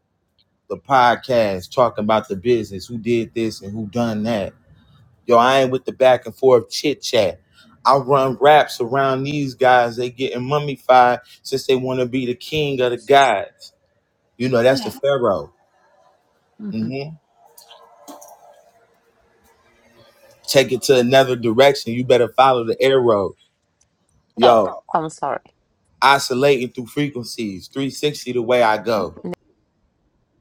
the podcast talking about the business, who did this and who done that. Yo, I ain't with the back and forth chit chat. I run raps around these guys. They getting mummified since they want to be the king of the gods. You know, that's the
Yeah.
pharaoh.
hmm
hmm Take it to another direction. You better follow the arrow.
No,
Yo,
I'm sorry.
oscillating through frequencies, 360 the way I go.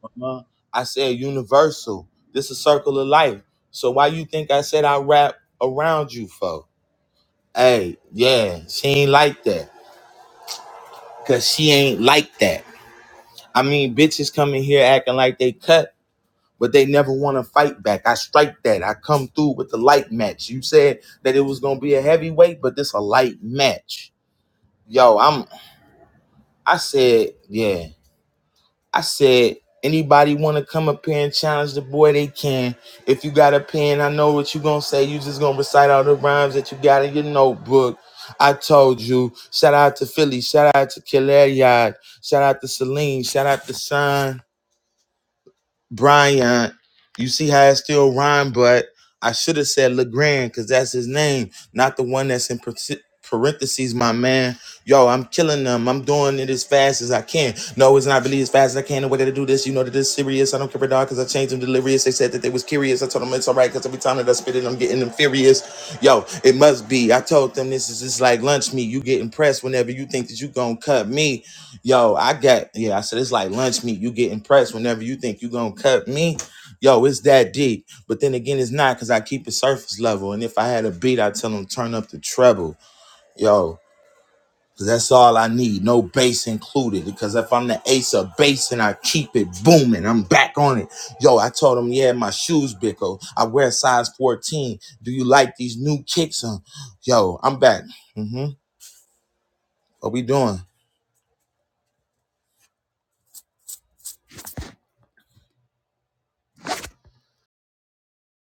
Uh-huh. I said universal. This is a circle of life. So why you think I said I rap around you, folks? Hey, yeah, she ain't like that. Cause she ain't like that. I mean, bitches come in here acting like they cut, but they never want to fight back. I strike that. I come through with the light match. You said that it was gonna be a heavyweight, but this a light match. Yo, I'm I said, yeah. I said, anybody want to come up here and challenge the boy, they can. If you got a pen, I know what you going to say. You just going to recite all the rhymes that you got in your notebook. I told you. Shout out to Philly. Shout out to Killer Yard. Shout out to Celine. Shout out to Sean. Bryant. You see how it still rhyme, but I should have said LeGrand because that's his name, not the one that's in parenth- parentheses, my man. Yo, I'm killing them. I'm doing it as fast as I can. No, it's not really as fast as I can. The way to do this, you know that it's serious. I don't care for dog because I changed them delirious. They said that they was curious. I told them it's all right because every time that I spit it, I'm getting them furious. Yo, it must be. I told them this is just like lunch meat. You get impressed whenever you think that you gonna cut me. Yo, I got yeah. I said it's like lunch meat. You get impressed whenever you think you gonna cut me. Yo, it's that deep. But then again, it's not because I keep it surface level. And if I had a beat, I tell them turn up the treble. Yo, because that's all I need. No bass included. Because if I'm the ace of bass and I keep it booming, I'm back on it. Yo, I told them yeah, my shoes bickle. I wear size 14. Do you like these new kicks? Huh? Yo, I'm back. Mm-hmm. What we doing?